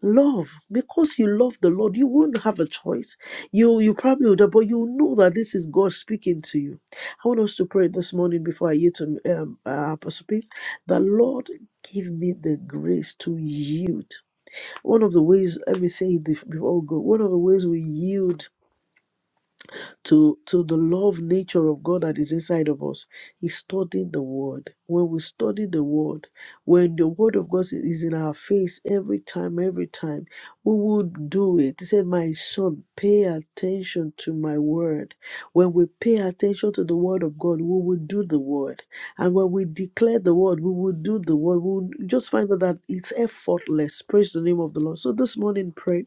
Love, because you love the Lord, you won't have a choice. You you probably would, have, but you know that this is God speaking to you. I want us to pray this morning before I yield to um, uh, Apostle Peace. The Lord give me the grace to yield. One of the ways, let me say this before we go. One of the ways we yield to to the love nature of God that is inside of us is studying the word. When we study the word, when the word of God is in our face every time, every time, we would do it. He said, My son, pay attention to my word. When we pay attention to the word of God, we will do the word. And when we declare the word, we will do the word. We will just find out that it's effortless. Praise the name of the Lord. So this morning, pray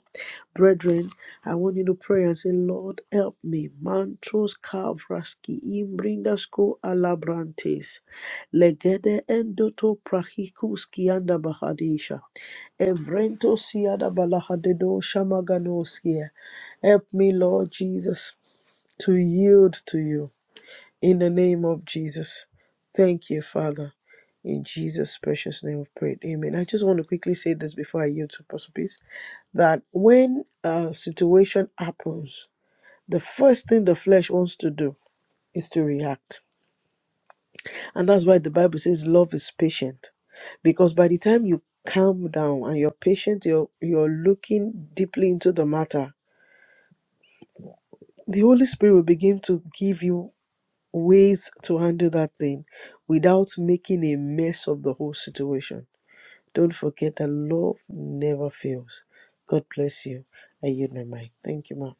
Brethren, I want you to pray and say, Lord, help me. Mantros kavraski imbrindasko alabrantes. Legede endoto prahikuski anda bahadisha. Evrento siada balahadedo shamaganoskia. Help me, Lord Jesus, to yield to you. In the name of Jesus. Thank you, Father. In Jesus' precious name of prayer. Amen. I just want to quickly say this before I yield to Apostle Peace that when a situation happens, the first thing the flesh wants to do is to react. And that's why the Bible says love is patient. Because by the time you calm down and you're patient, you're you're looking deeply into the matter, the Holy Spirit will begin to give you ways to handle that thing without making a mess of the whole situation. Don't forget that love never fails. God bless you. I yield my mic. Thank you, ma'am.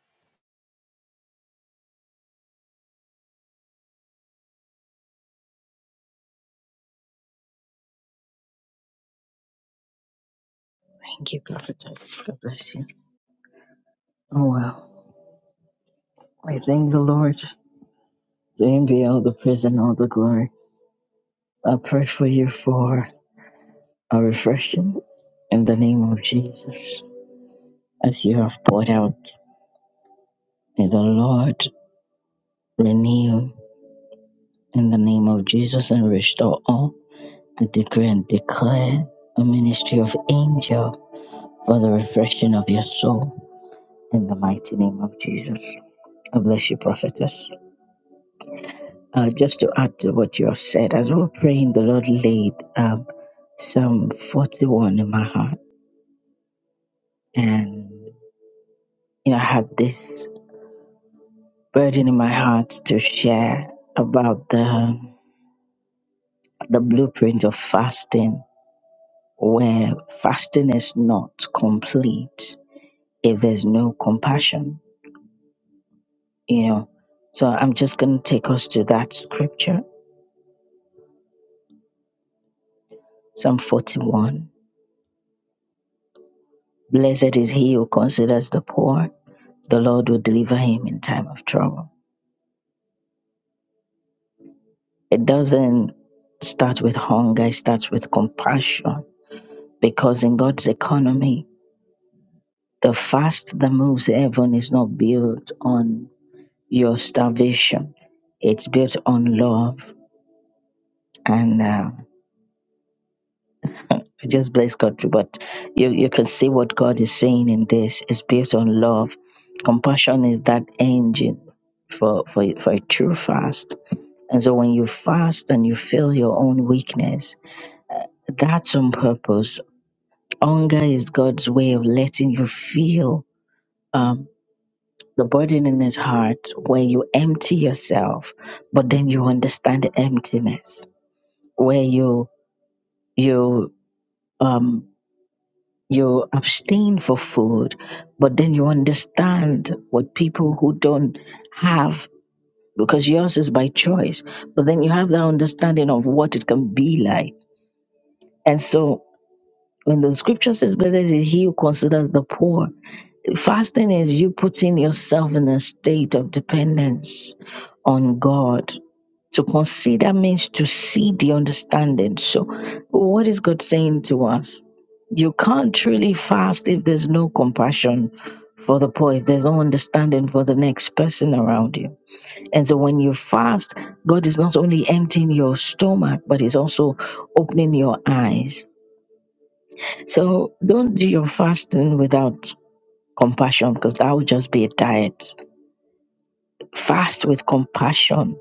Thank you, Prophet. God bless you. Oh, well. I thank the Lord. To him be all the praise and all the glory. I pray for you for a refreshing in the name of Jesus. As you have poured out, may the Lord renew in the name of Jesus and restore all. I decree and declare a ministry of angel for the refreshing of your soul in the mighty name of Jesus. I bless you, prophetess. Uh, just to add to what you have said, as we were praying, the Lord laid um, Psalm 41 in my heart. And you know, I had this burden in my heart to share about the, the blueprint of fasting, where fasting is not complete if there's no compassion you know. So I'm just going to take us to that scripture, Psalm 41. Blessed is he who considers the poor, the Lord will deliver him in time of trouble. It doesn't start with hunger, it starts with compassion because in God's economy, the fast that moves heaven is not built on your starvation, it's built on love. And uh, We just bless God. But you, you can see what God is saying in this is based on love. Compassion is that engine for, for, for a true fast. And so when you fast and you feel your own weakness, that's on purpose. Hunger is God's way of letting you feel um, the burden in his heart where you empty yourself, but then you understand the emptiness, where you you um you abstain for food, but then you understand what people who don't have, because yours is by choice, but then you have that understanding of what it can be like. And so when the scripture says, Blessed is he who considers the poor, fasting is you putting yourself in a state of dependence on God to consider means to see the understanding. So, what is God saying to us? You can't truly fast if there's no compassion for the poor, if there's no understanding for the next person around you. And so, when you fast, God is not only emptying your stomach, but He's also opening your eyes. So, don't do your fasting without compassion because that would just be a diet. Fast with compassion.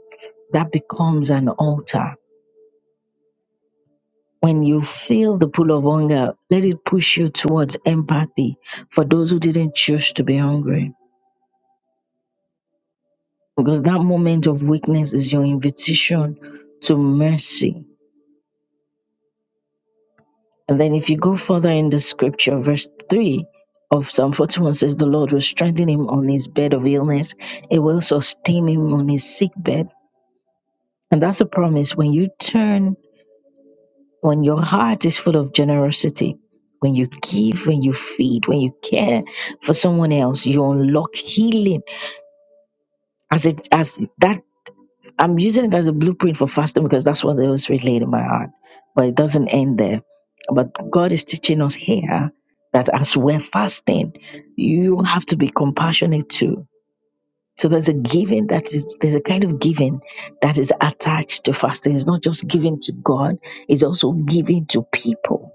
That becomes an altar When you feel the pull of hunger, let it push you towards empathy for those who didn't choose to be hungry. Because that moment of weakness is your invitation to mercy. And then if you go further in the scripture, verse 3 of Psalm 41 says, The Lord will strengthen him on his bed of illness, it will sustain him on his sick bed. And that's a promise. When you turn When your heart is full of generosity, when you give, when you feed, when you care for someone else, you unlock healing. As it as that I'm using it as a blueprint for fasting because that's what it was laid in my heart. But it doesn't end there. But God is teaching us here that as we're fasting, you have to be compassionate too. So there's a giving that is there's a kind of giving that is attached to fasting. It's not just giving to God, it's also giving to people.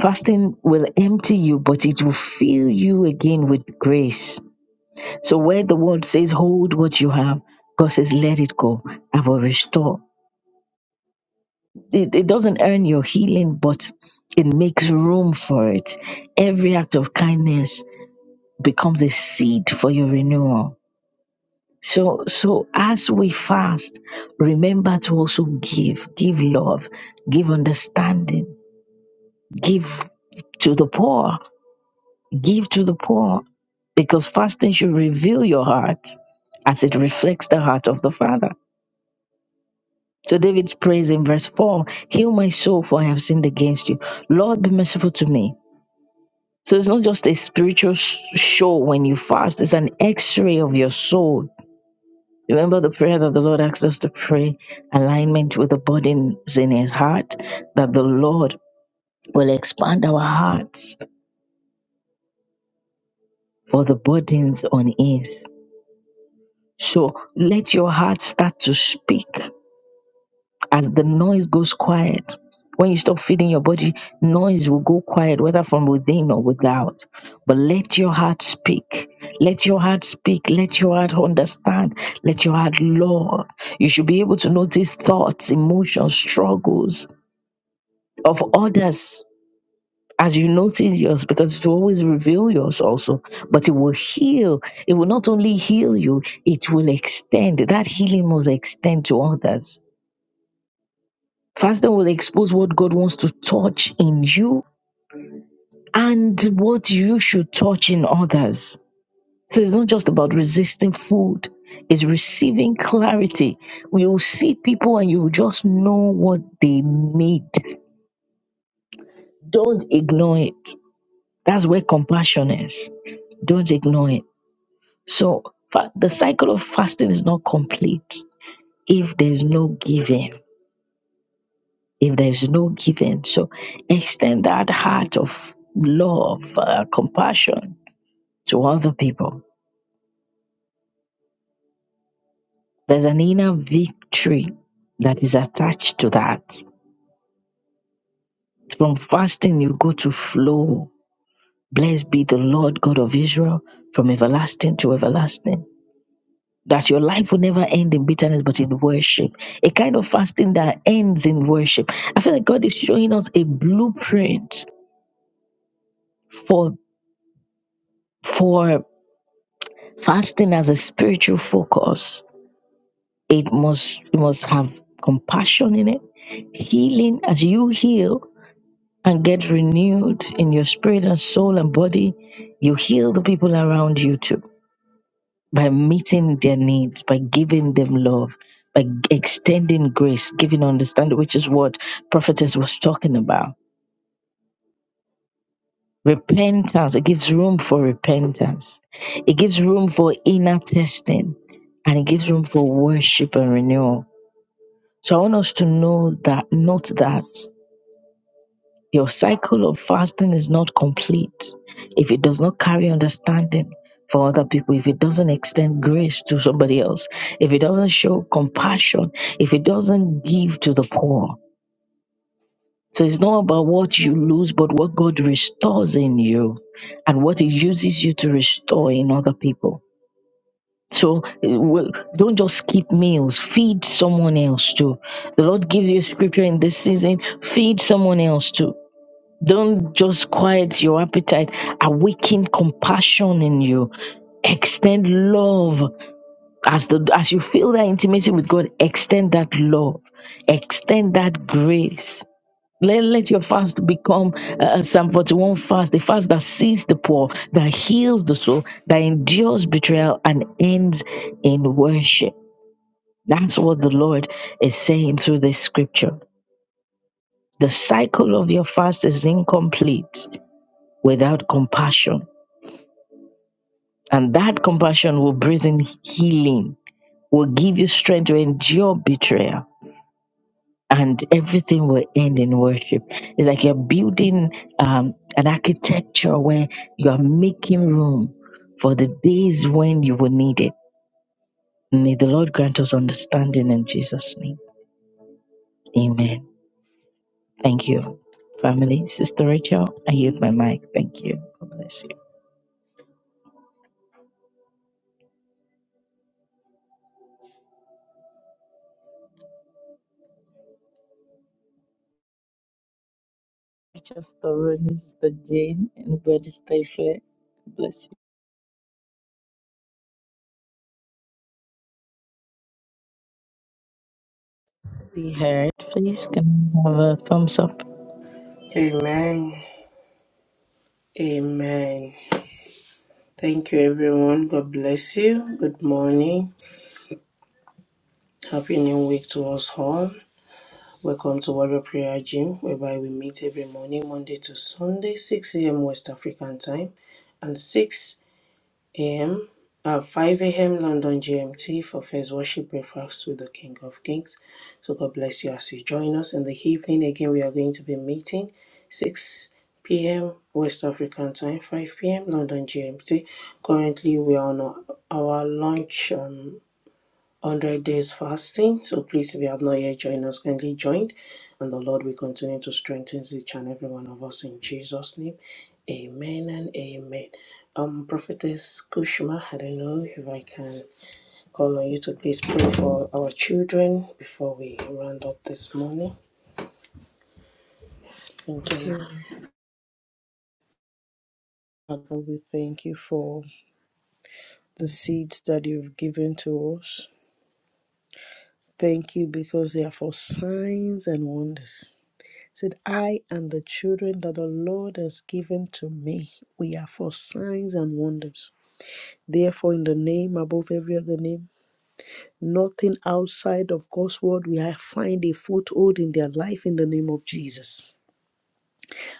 Fasting will empty you, but it will fill you again with grace. So where the world says, hold what you have, God says, let it go. I will restore. It, it doesn't earn your healing, but it makes room for it. Every act of kindness becomes a seed for your renewal. So, so as we fast, remember to also give, give love, give understanding, give to the poor Give to the poor because fasting should reveal your heart as it reflects the heart of the Father. So David's praise in verse 4 Heal my soul, for I have sinned against you. Lord, be merciful to me. So it's not just a spiritual sh- show when you fast, it's an x ray of your soul. Remember the prayer that the Lord asked us to pray alignment with the burdens in his heart, that the Lord will expand our hearts for the burdens on earth. So let your heart start to speak as the noise goes quiet. When you stop feeding your body, noise will go quiet, whether from within or without. But let your heart speak. Let your heart speak. Let your heart understand. Let your heart love. You should be able to notice thoughts, emotions, struggles of others as you notice yours, because it will always reveal yours also, but it will heal. It will not only heal you, it will extend. That healing must extend to others. Fasting will expose what God wants to touch in you and what you should touch in others. So it's not just about resisting food, it's receiving clarity. We will see people and you will just know what they need. Don't ignore it. That's where compassion is. Don't ignore it So fa- the cycle of fasting is not complete if there's no giving. If there's no giving, so extend that heart of love, uh, compassion to other people. There's an inner victory that is attached to that. From fasting, you go to flow. Blessed be the Lord God of Israel from everlasting to everlasting. that your life will never end in bitterness but in worship a kind of fasting that ends in worship i feel like god is showing us a blueprint for for fasting as a spiritual focus it must it must have compassion in it healing as you heal and get renewed in your spirit and soul and body you heal the people around you too by meeting their needs, by giving them love, by g- extending grace, giving understanding, which is what prophetess was talking about. Repentance, it gives room for repentance. It gives room for inner testing and it gives room for worship and renewal. So I want us to know that, note that. Your cycle of fasting is not complete if it does not carry understanding for other people, if it doesn't extend grace to somebody else, if it doesn't show compassion, if it doesn't give to the poor. So it's not about what you lose, but what God restores in you and what He uses you to restore in other people. So eh, well, don't just skip meals, feed someone else too. The Lord gives you scripture in this season, feed someone else too don't just quiet your appetite, awaken compassion in you. Extend love as the as you feel that intimacy with God, extend that love, extend that grace. Let, let your fast become uh, a Psalm 41 fast, the fast that sees the poor, that heals the soul, that endures betrayal and ends in worship. That's what the Lord is saying through this scripture. The cycle of your fast is incomplete without compassion. And that compassion will breathe in healing, will give you strength to endure betrayal, and everything will end in worship. It's like you're building um, an architecture where you are making room for the days when you will need it. May the Lord grant us understanding in Jesus' name. Amen. Thank you, family. Sister Rachel, I yield my mic. Thank you. God bless you. Rachel Sister Jane, anybody stay fair? Bless you. be heard. Please can I have a thumbs up? Amen. Amen. Thank you, everyone. God bless you. Good morning. Happy us home. Welcome to Warrior Prayer, whereby we meet every morning, Monday to Sunday, 6 a.m. West African time and 6 a.m. London GMT for First Worship Breakfast with the King of Kings. So God bless you as you join us in the evening. Again, we are going to be meeting 6 p.m. West African time, 5 p.m. London GMT. Currently, we are on our our launch um, 100 days fasting. So please, if you have not yet joined us, kindly join. And the Lord will continue to strengthen each and every one of us in Jesus' name. Amen and amen. Um, Prophetess Kushma, I don't know if I can call on you to please pray for our children before we round up this morning. Thank you. Okay, Father, we thank you for the seeds that you've given to us. Thank you because they are for signs and wonders. Said, I and the children that the Lord has given to me, we are for signs and wonders. Therefore, in the name above every other name, Nothing outside of God's word will find a foothold in their life in the name of Jesus.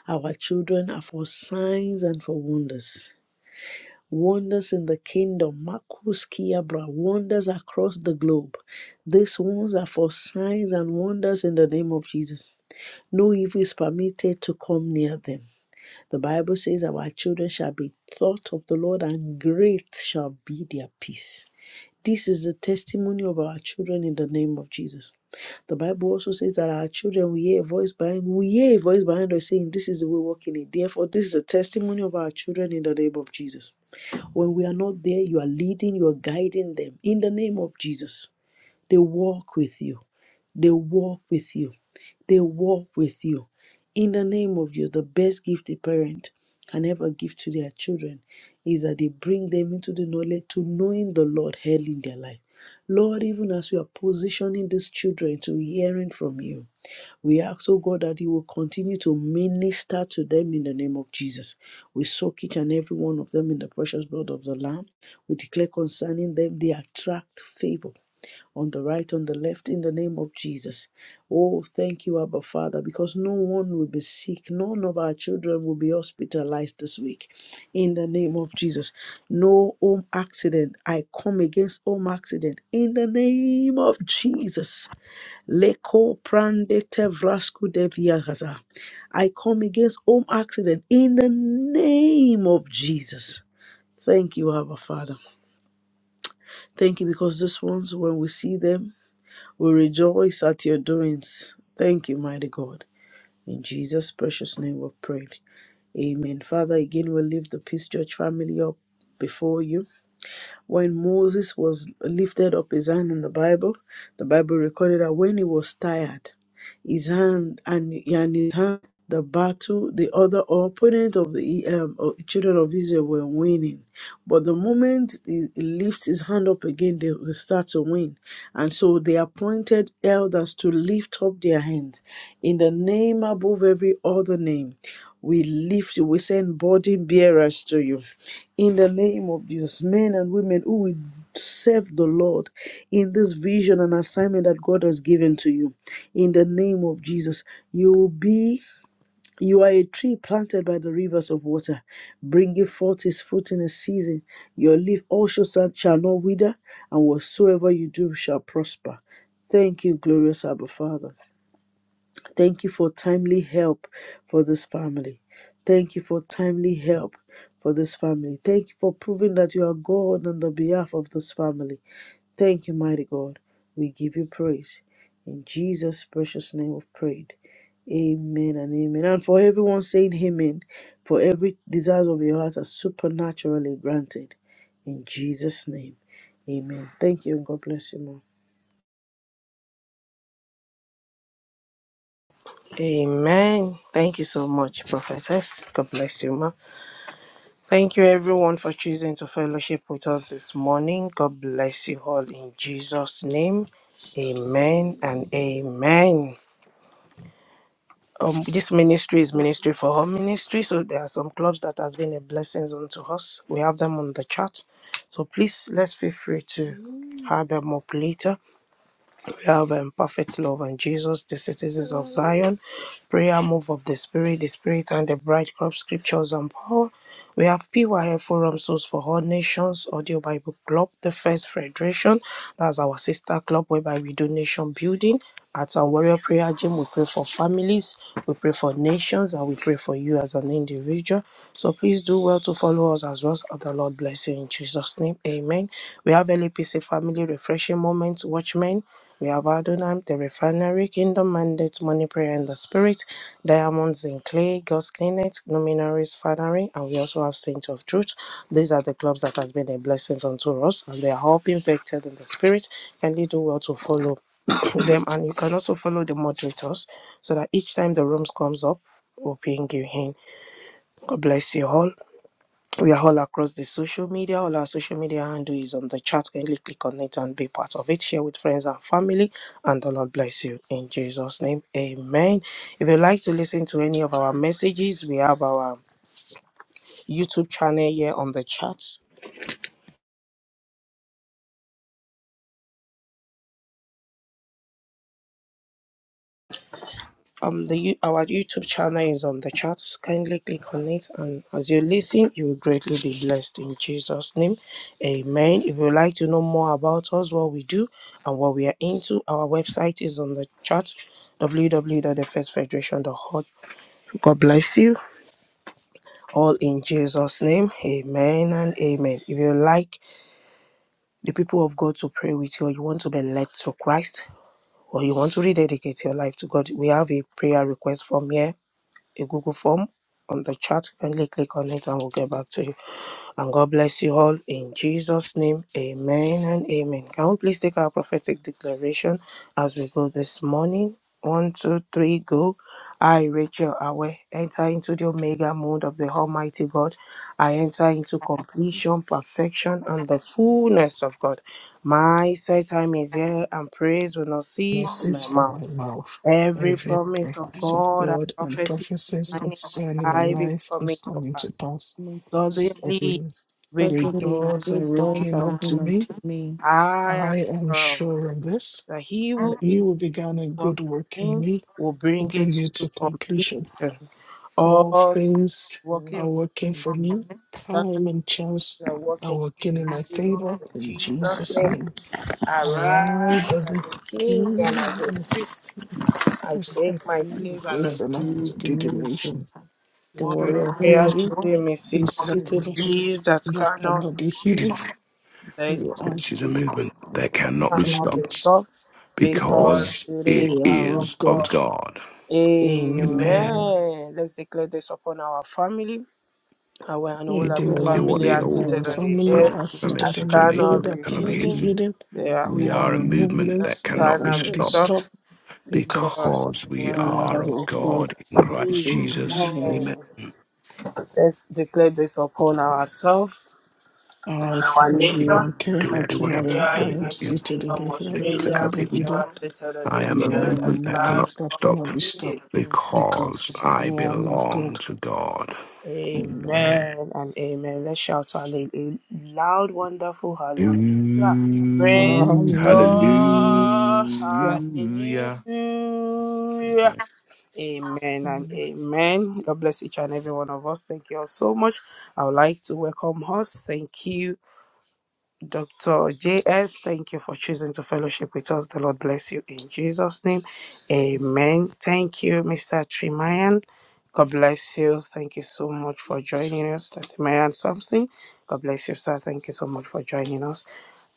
Our children are for signs and for wonders. Wonders in the kingdom, Marcus Kiabra, wonders across the globe. These ones are for signs and wonders in the name of Jesus. No evil is permitted to come near them. The Bible says, Our children shall be taught of the Lord, and great shall be their peace. This is the testimony of our children in the name of Jesus. The Bible also says that our children will hear a voice behind we hear a voice behind us saying, This is the way walking it. Therefore, this is the testimony of our children in the name of Jesus. When we are not there, you are leading, you are guiding them in the name of Jesus. They walk with you. They walk with you. They walk with you. In the name of you, the best gift a parent can ever give to their children is that they bring them into the knowledge to knowing the Lord early in their life. Lord, even as we are positioning these children to hearing from you, we ask, oh God, that you will continue to minister to them in the name of Jesus. We soak each and every one of them in the precious blood of the Lamb. We declare concerning them, they attract favor on the right, on the left, in the name of Jesus. Oh, thank you, Abba Father, because no one will be sick. None of our children will be hospitalized this week. In the name of Jesus. No home accident. I come against home accident. In the name of Jesus. Leko prande tevrasku deviagaza. I come against home accident. In the name of Jesus. Thank you, Abba Father. Thank you because these ones, when we see them, we rejoice at your doings. Thank you, mighty God. In Jesus' precious name we pray. Amen. Father, again, we lift the Peace Church family up before you when Moses was lifted up his hand in the Bible, the Bible recorded that when he was tired, his hand and, and his hand, the battle, the other opponent of the um, of the children of Israel were winning. But the moment he he lifts his hand up again, they, they start to win. And so they appointed elders to lift up their hands in the name above every other name we lift you, we send burden bearers to you. In the name of these men and women who will serve the Lord in this vision and assignment that God has given to you. In the name of Jesus, you will be. You are a tree planted by the rivers of water, bringing forth its fruit in a season. Your leaf also shall shall not wither, and whatsoever you do shall prosper. Thank you, glorious Abba Father. Thank you for timely help for this family. Thank you for timely help for this family. Thank you for proving that you are God on the behalf of this family. Thank you, mighty God. We give you praise. In Jesus' precious name we've prayed. Amen and amen. And for everyone saying amen, for every desire of your heart are supernaturally granted. In Jesus' name. Amen. Thank you and God bless you, ma'am. Amen. Thank you so much, Prophetess. God bless you, ma. Thank you, everyone, for choosing to fellowship with us this morning. God bless you all in Jesus' name. Amen and amen. Um, this ministry is ministry for all ministry, so there are some clubs that has been a blessing unto us. We have them on the chat, so please let's feel free to add them up later. We have um, perfect love and Jesus, the citizens of Zion, prayer move of the Spirit, the Spirit and the bride crop scriptures and power. We have PYF Forum Source for All Nations, Audio Bible Club, the First Federation. That's our sister club whereby we do nation building. At our Warrior Prayer Gym, we pray for families, we pray for nations, and we pray for you as an individual. So please do well to follow us as well. The Lord bless you in Jesus' name. Amen. We have LAPC Family Refreshing Moments, Watchmen. We have Adonam, the Refinery, Kingdom Mandate, Money Prayer in the Spirit, Diamonds in Clay, God's Clinic, Luminaries Fathering, and we also have Saints of Truth. These are the clubs that has been a blessing unto us, and they are all being vectored in the Spirit. Kindly do well to follow. <coughs> them and you can also follow the moderators so that each time the rooms comes up we'll ping you in god bless you all we are all across the social media all our social media handle is on the chat kindly click on it and be part of it share with friends and family and the lord bless you in jesus name amen if you'd like to listen to any of our messages we have our youtube channel here on the chat um the you- our YouTube channel is on the chat. Kindly click on it, and as you listen, you will greatly be blessed in Jesus' name. Amen. If you would like to know more about us, what we do, and what we are into, our website is on the chat. www.thefirstfederation.org. God bless you all in Jesus' name. Amen and amen. If you like the people of God to pray with you, or you want to be led to Christ, or you want to rededicate your life to God, we have a prayer request form here a Google form on the chat. Kindly click on it and we'll get back to you. And God bless you all in Jesus' name. Amen and amen. Can we please take our prophetic declaration as we go this morning? One, two, three, go. I, Rachel Awe, enter into the Omega mode of the Almighty God. I enter into completion, perfection, and the fullness of God. My set time is here, and praise will not cease from Cease my from mouth. my mouth. Every Every promise of promise of God and God and prophecy prophecies concerning my concerning my life is life is coming to coming pass. to pass. So Suddenly, the with great Suddenly, doors great are doors opening are unto opened me. unto me. I am I am sure of this, sure of this, that he that will he be who began a good working work in in me will will bring it bring it to to completion. completion. All All things things working are for me, working for me. signs Time and chance are are working working in my in favor favor. of In Jesus' Jesus' name. name, Arise arise as a as a king and as king and a a priest. I priest. take my place and I Bless and happens Subdue to the do the nation. nation. The For warrior warrior your prayer praise prince you during me seated is and seated believe that that cannot cannot be hidden. This they We are is a movement that cannot that be cannot cannot be be stopped stopped because because because it it is we are of of is of God. God. God. Amen. Amen. Amen. Let's declare this upon our family. Our and all The, And of the your holy the what and family they are the all seated Akimara on realized the family hill are A the at seated on message on a the hill hill cannot that be that cannot be cannot be hidden. hidden. hidden. They are demise We We are a are moved a movement that that movement that cannot be cannot cannot be be stopped stopped stopped because because because they we are we are are of of God. God in Christ Jesus. Amen. Amen. Amen. Let's declare this upon ourselves and I, our Father nation. Stephen, Biranke do you know anyone else? Hakimaya, Nigeria, Do I what am I I'm am United doing. seated in the Kingdom, you hill know the that hill that Australia, cannot cannot be be which hidden? hidden. are settled on I the I am a hill that movement am that are cannot movements be that not be cannot stopped be hidden. stopped because because I I am of belong God. to God. Amen. Amen and amen. Let's shout hallelujah. A loud, wonderful hallelujah. Praise Ooh, the Hallelujah. Lord. hallelujah. Amen. Hallelujah. Amen and amen. God bless each and every one of us. Thank you all so much. I would like to welcome us. Thank you Dr. J.S., thank you for choosing to fellowship with us. The Lord bless you in Jesus' name. Amen. Thank you, Mr. Trimayan. God bless you. Thank you so much for joining us, Trimayan Thompson. God bless you, sir. Thank you so much for joining us.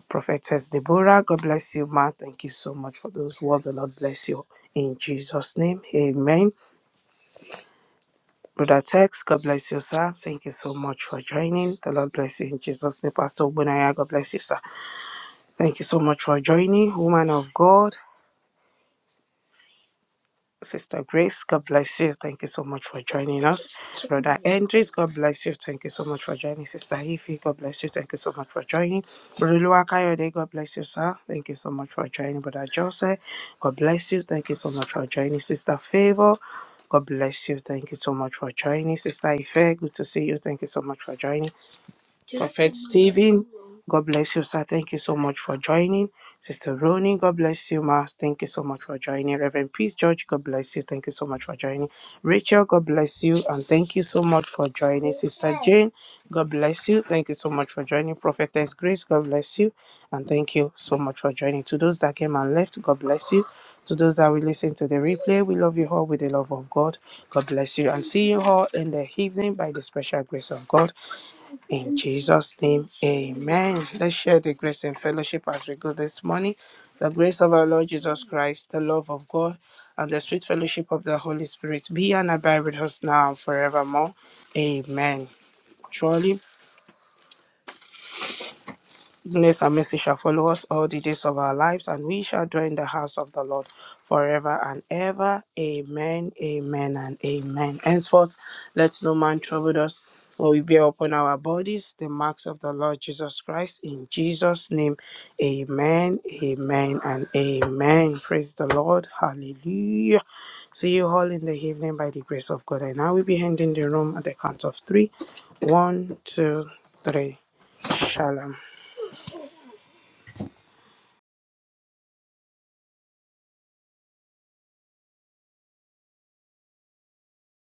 Prophetess Deborah, God bless you, ma. Thank you so much for those words. The Lord bless you in Jesus' name. Amen. Brother Tex, God bless you, sir. Thank you so much for joining. The Lord bless you in Jesus' name. Pastor Bunaya, God bless you, sir. Thank you so much for joining, woman of God. Sister Grace, God bless you. Thank you so much for joining us. Brother Andres, God bless you. Thank you so much for joining. Sister Ife, God bless you. Thank you so much for joining. Brother Luakayode, God bless you, sir. Thank you so much for joining. Brother Joseph, God bless you. Thank you so much for joining. Sister Favor, God bless you. Thank you so much for joining. Sister Ife, good to see you. Thank you so much for joining. Prophet Stephen, God bless you, sir. Thank you so much for joining. Sister Roni, God bless you, ma. Thank you so much for joining. Reverend Peace George, God bless you. Thank you so much for joining. Rachel, God bless you, and thank you so much for joining. Sister Jane, God bless you. Thank you so much for joining. Prophetess Grace, God bless you, and thank you so much for joining. To those that came and left, God bless you. To those that will listen to the replay, we love you all with the love of God. God bless you and see you all in the evening by the special grace of God. In Jesus' name, amen. Let's share the grace and fellowship as we go this morning. The grace of our Lord Jesus Christ, the love of God, and the sweet fellowship of the Holy Spirit be and abide with us now and forevermore. Amen. Truly, Goodness and mercy shall follow us all the days of our lives, and we shall dwell in the house of the Lord forever and ever. Amen, amen, and amen. Henceforth, let no man trouble us, for we bear upon our bodies the marks of the Lord Jesus Christ. In Jesus' name, amen, amen, and amen. Praise the Lord. Hallelujah. See you all in the evening by the grace of God. And now we will be handing the room at the count of three. One, two, three. Shalom.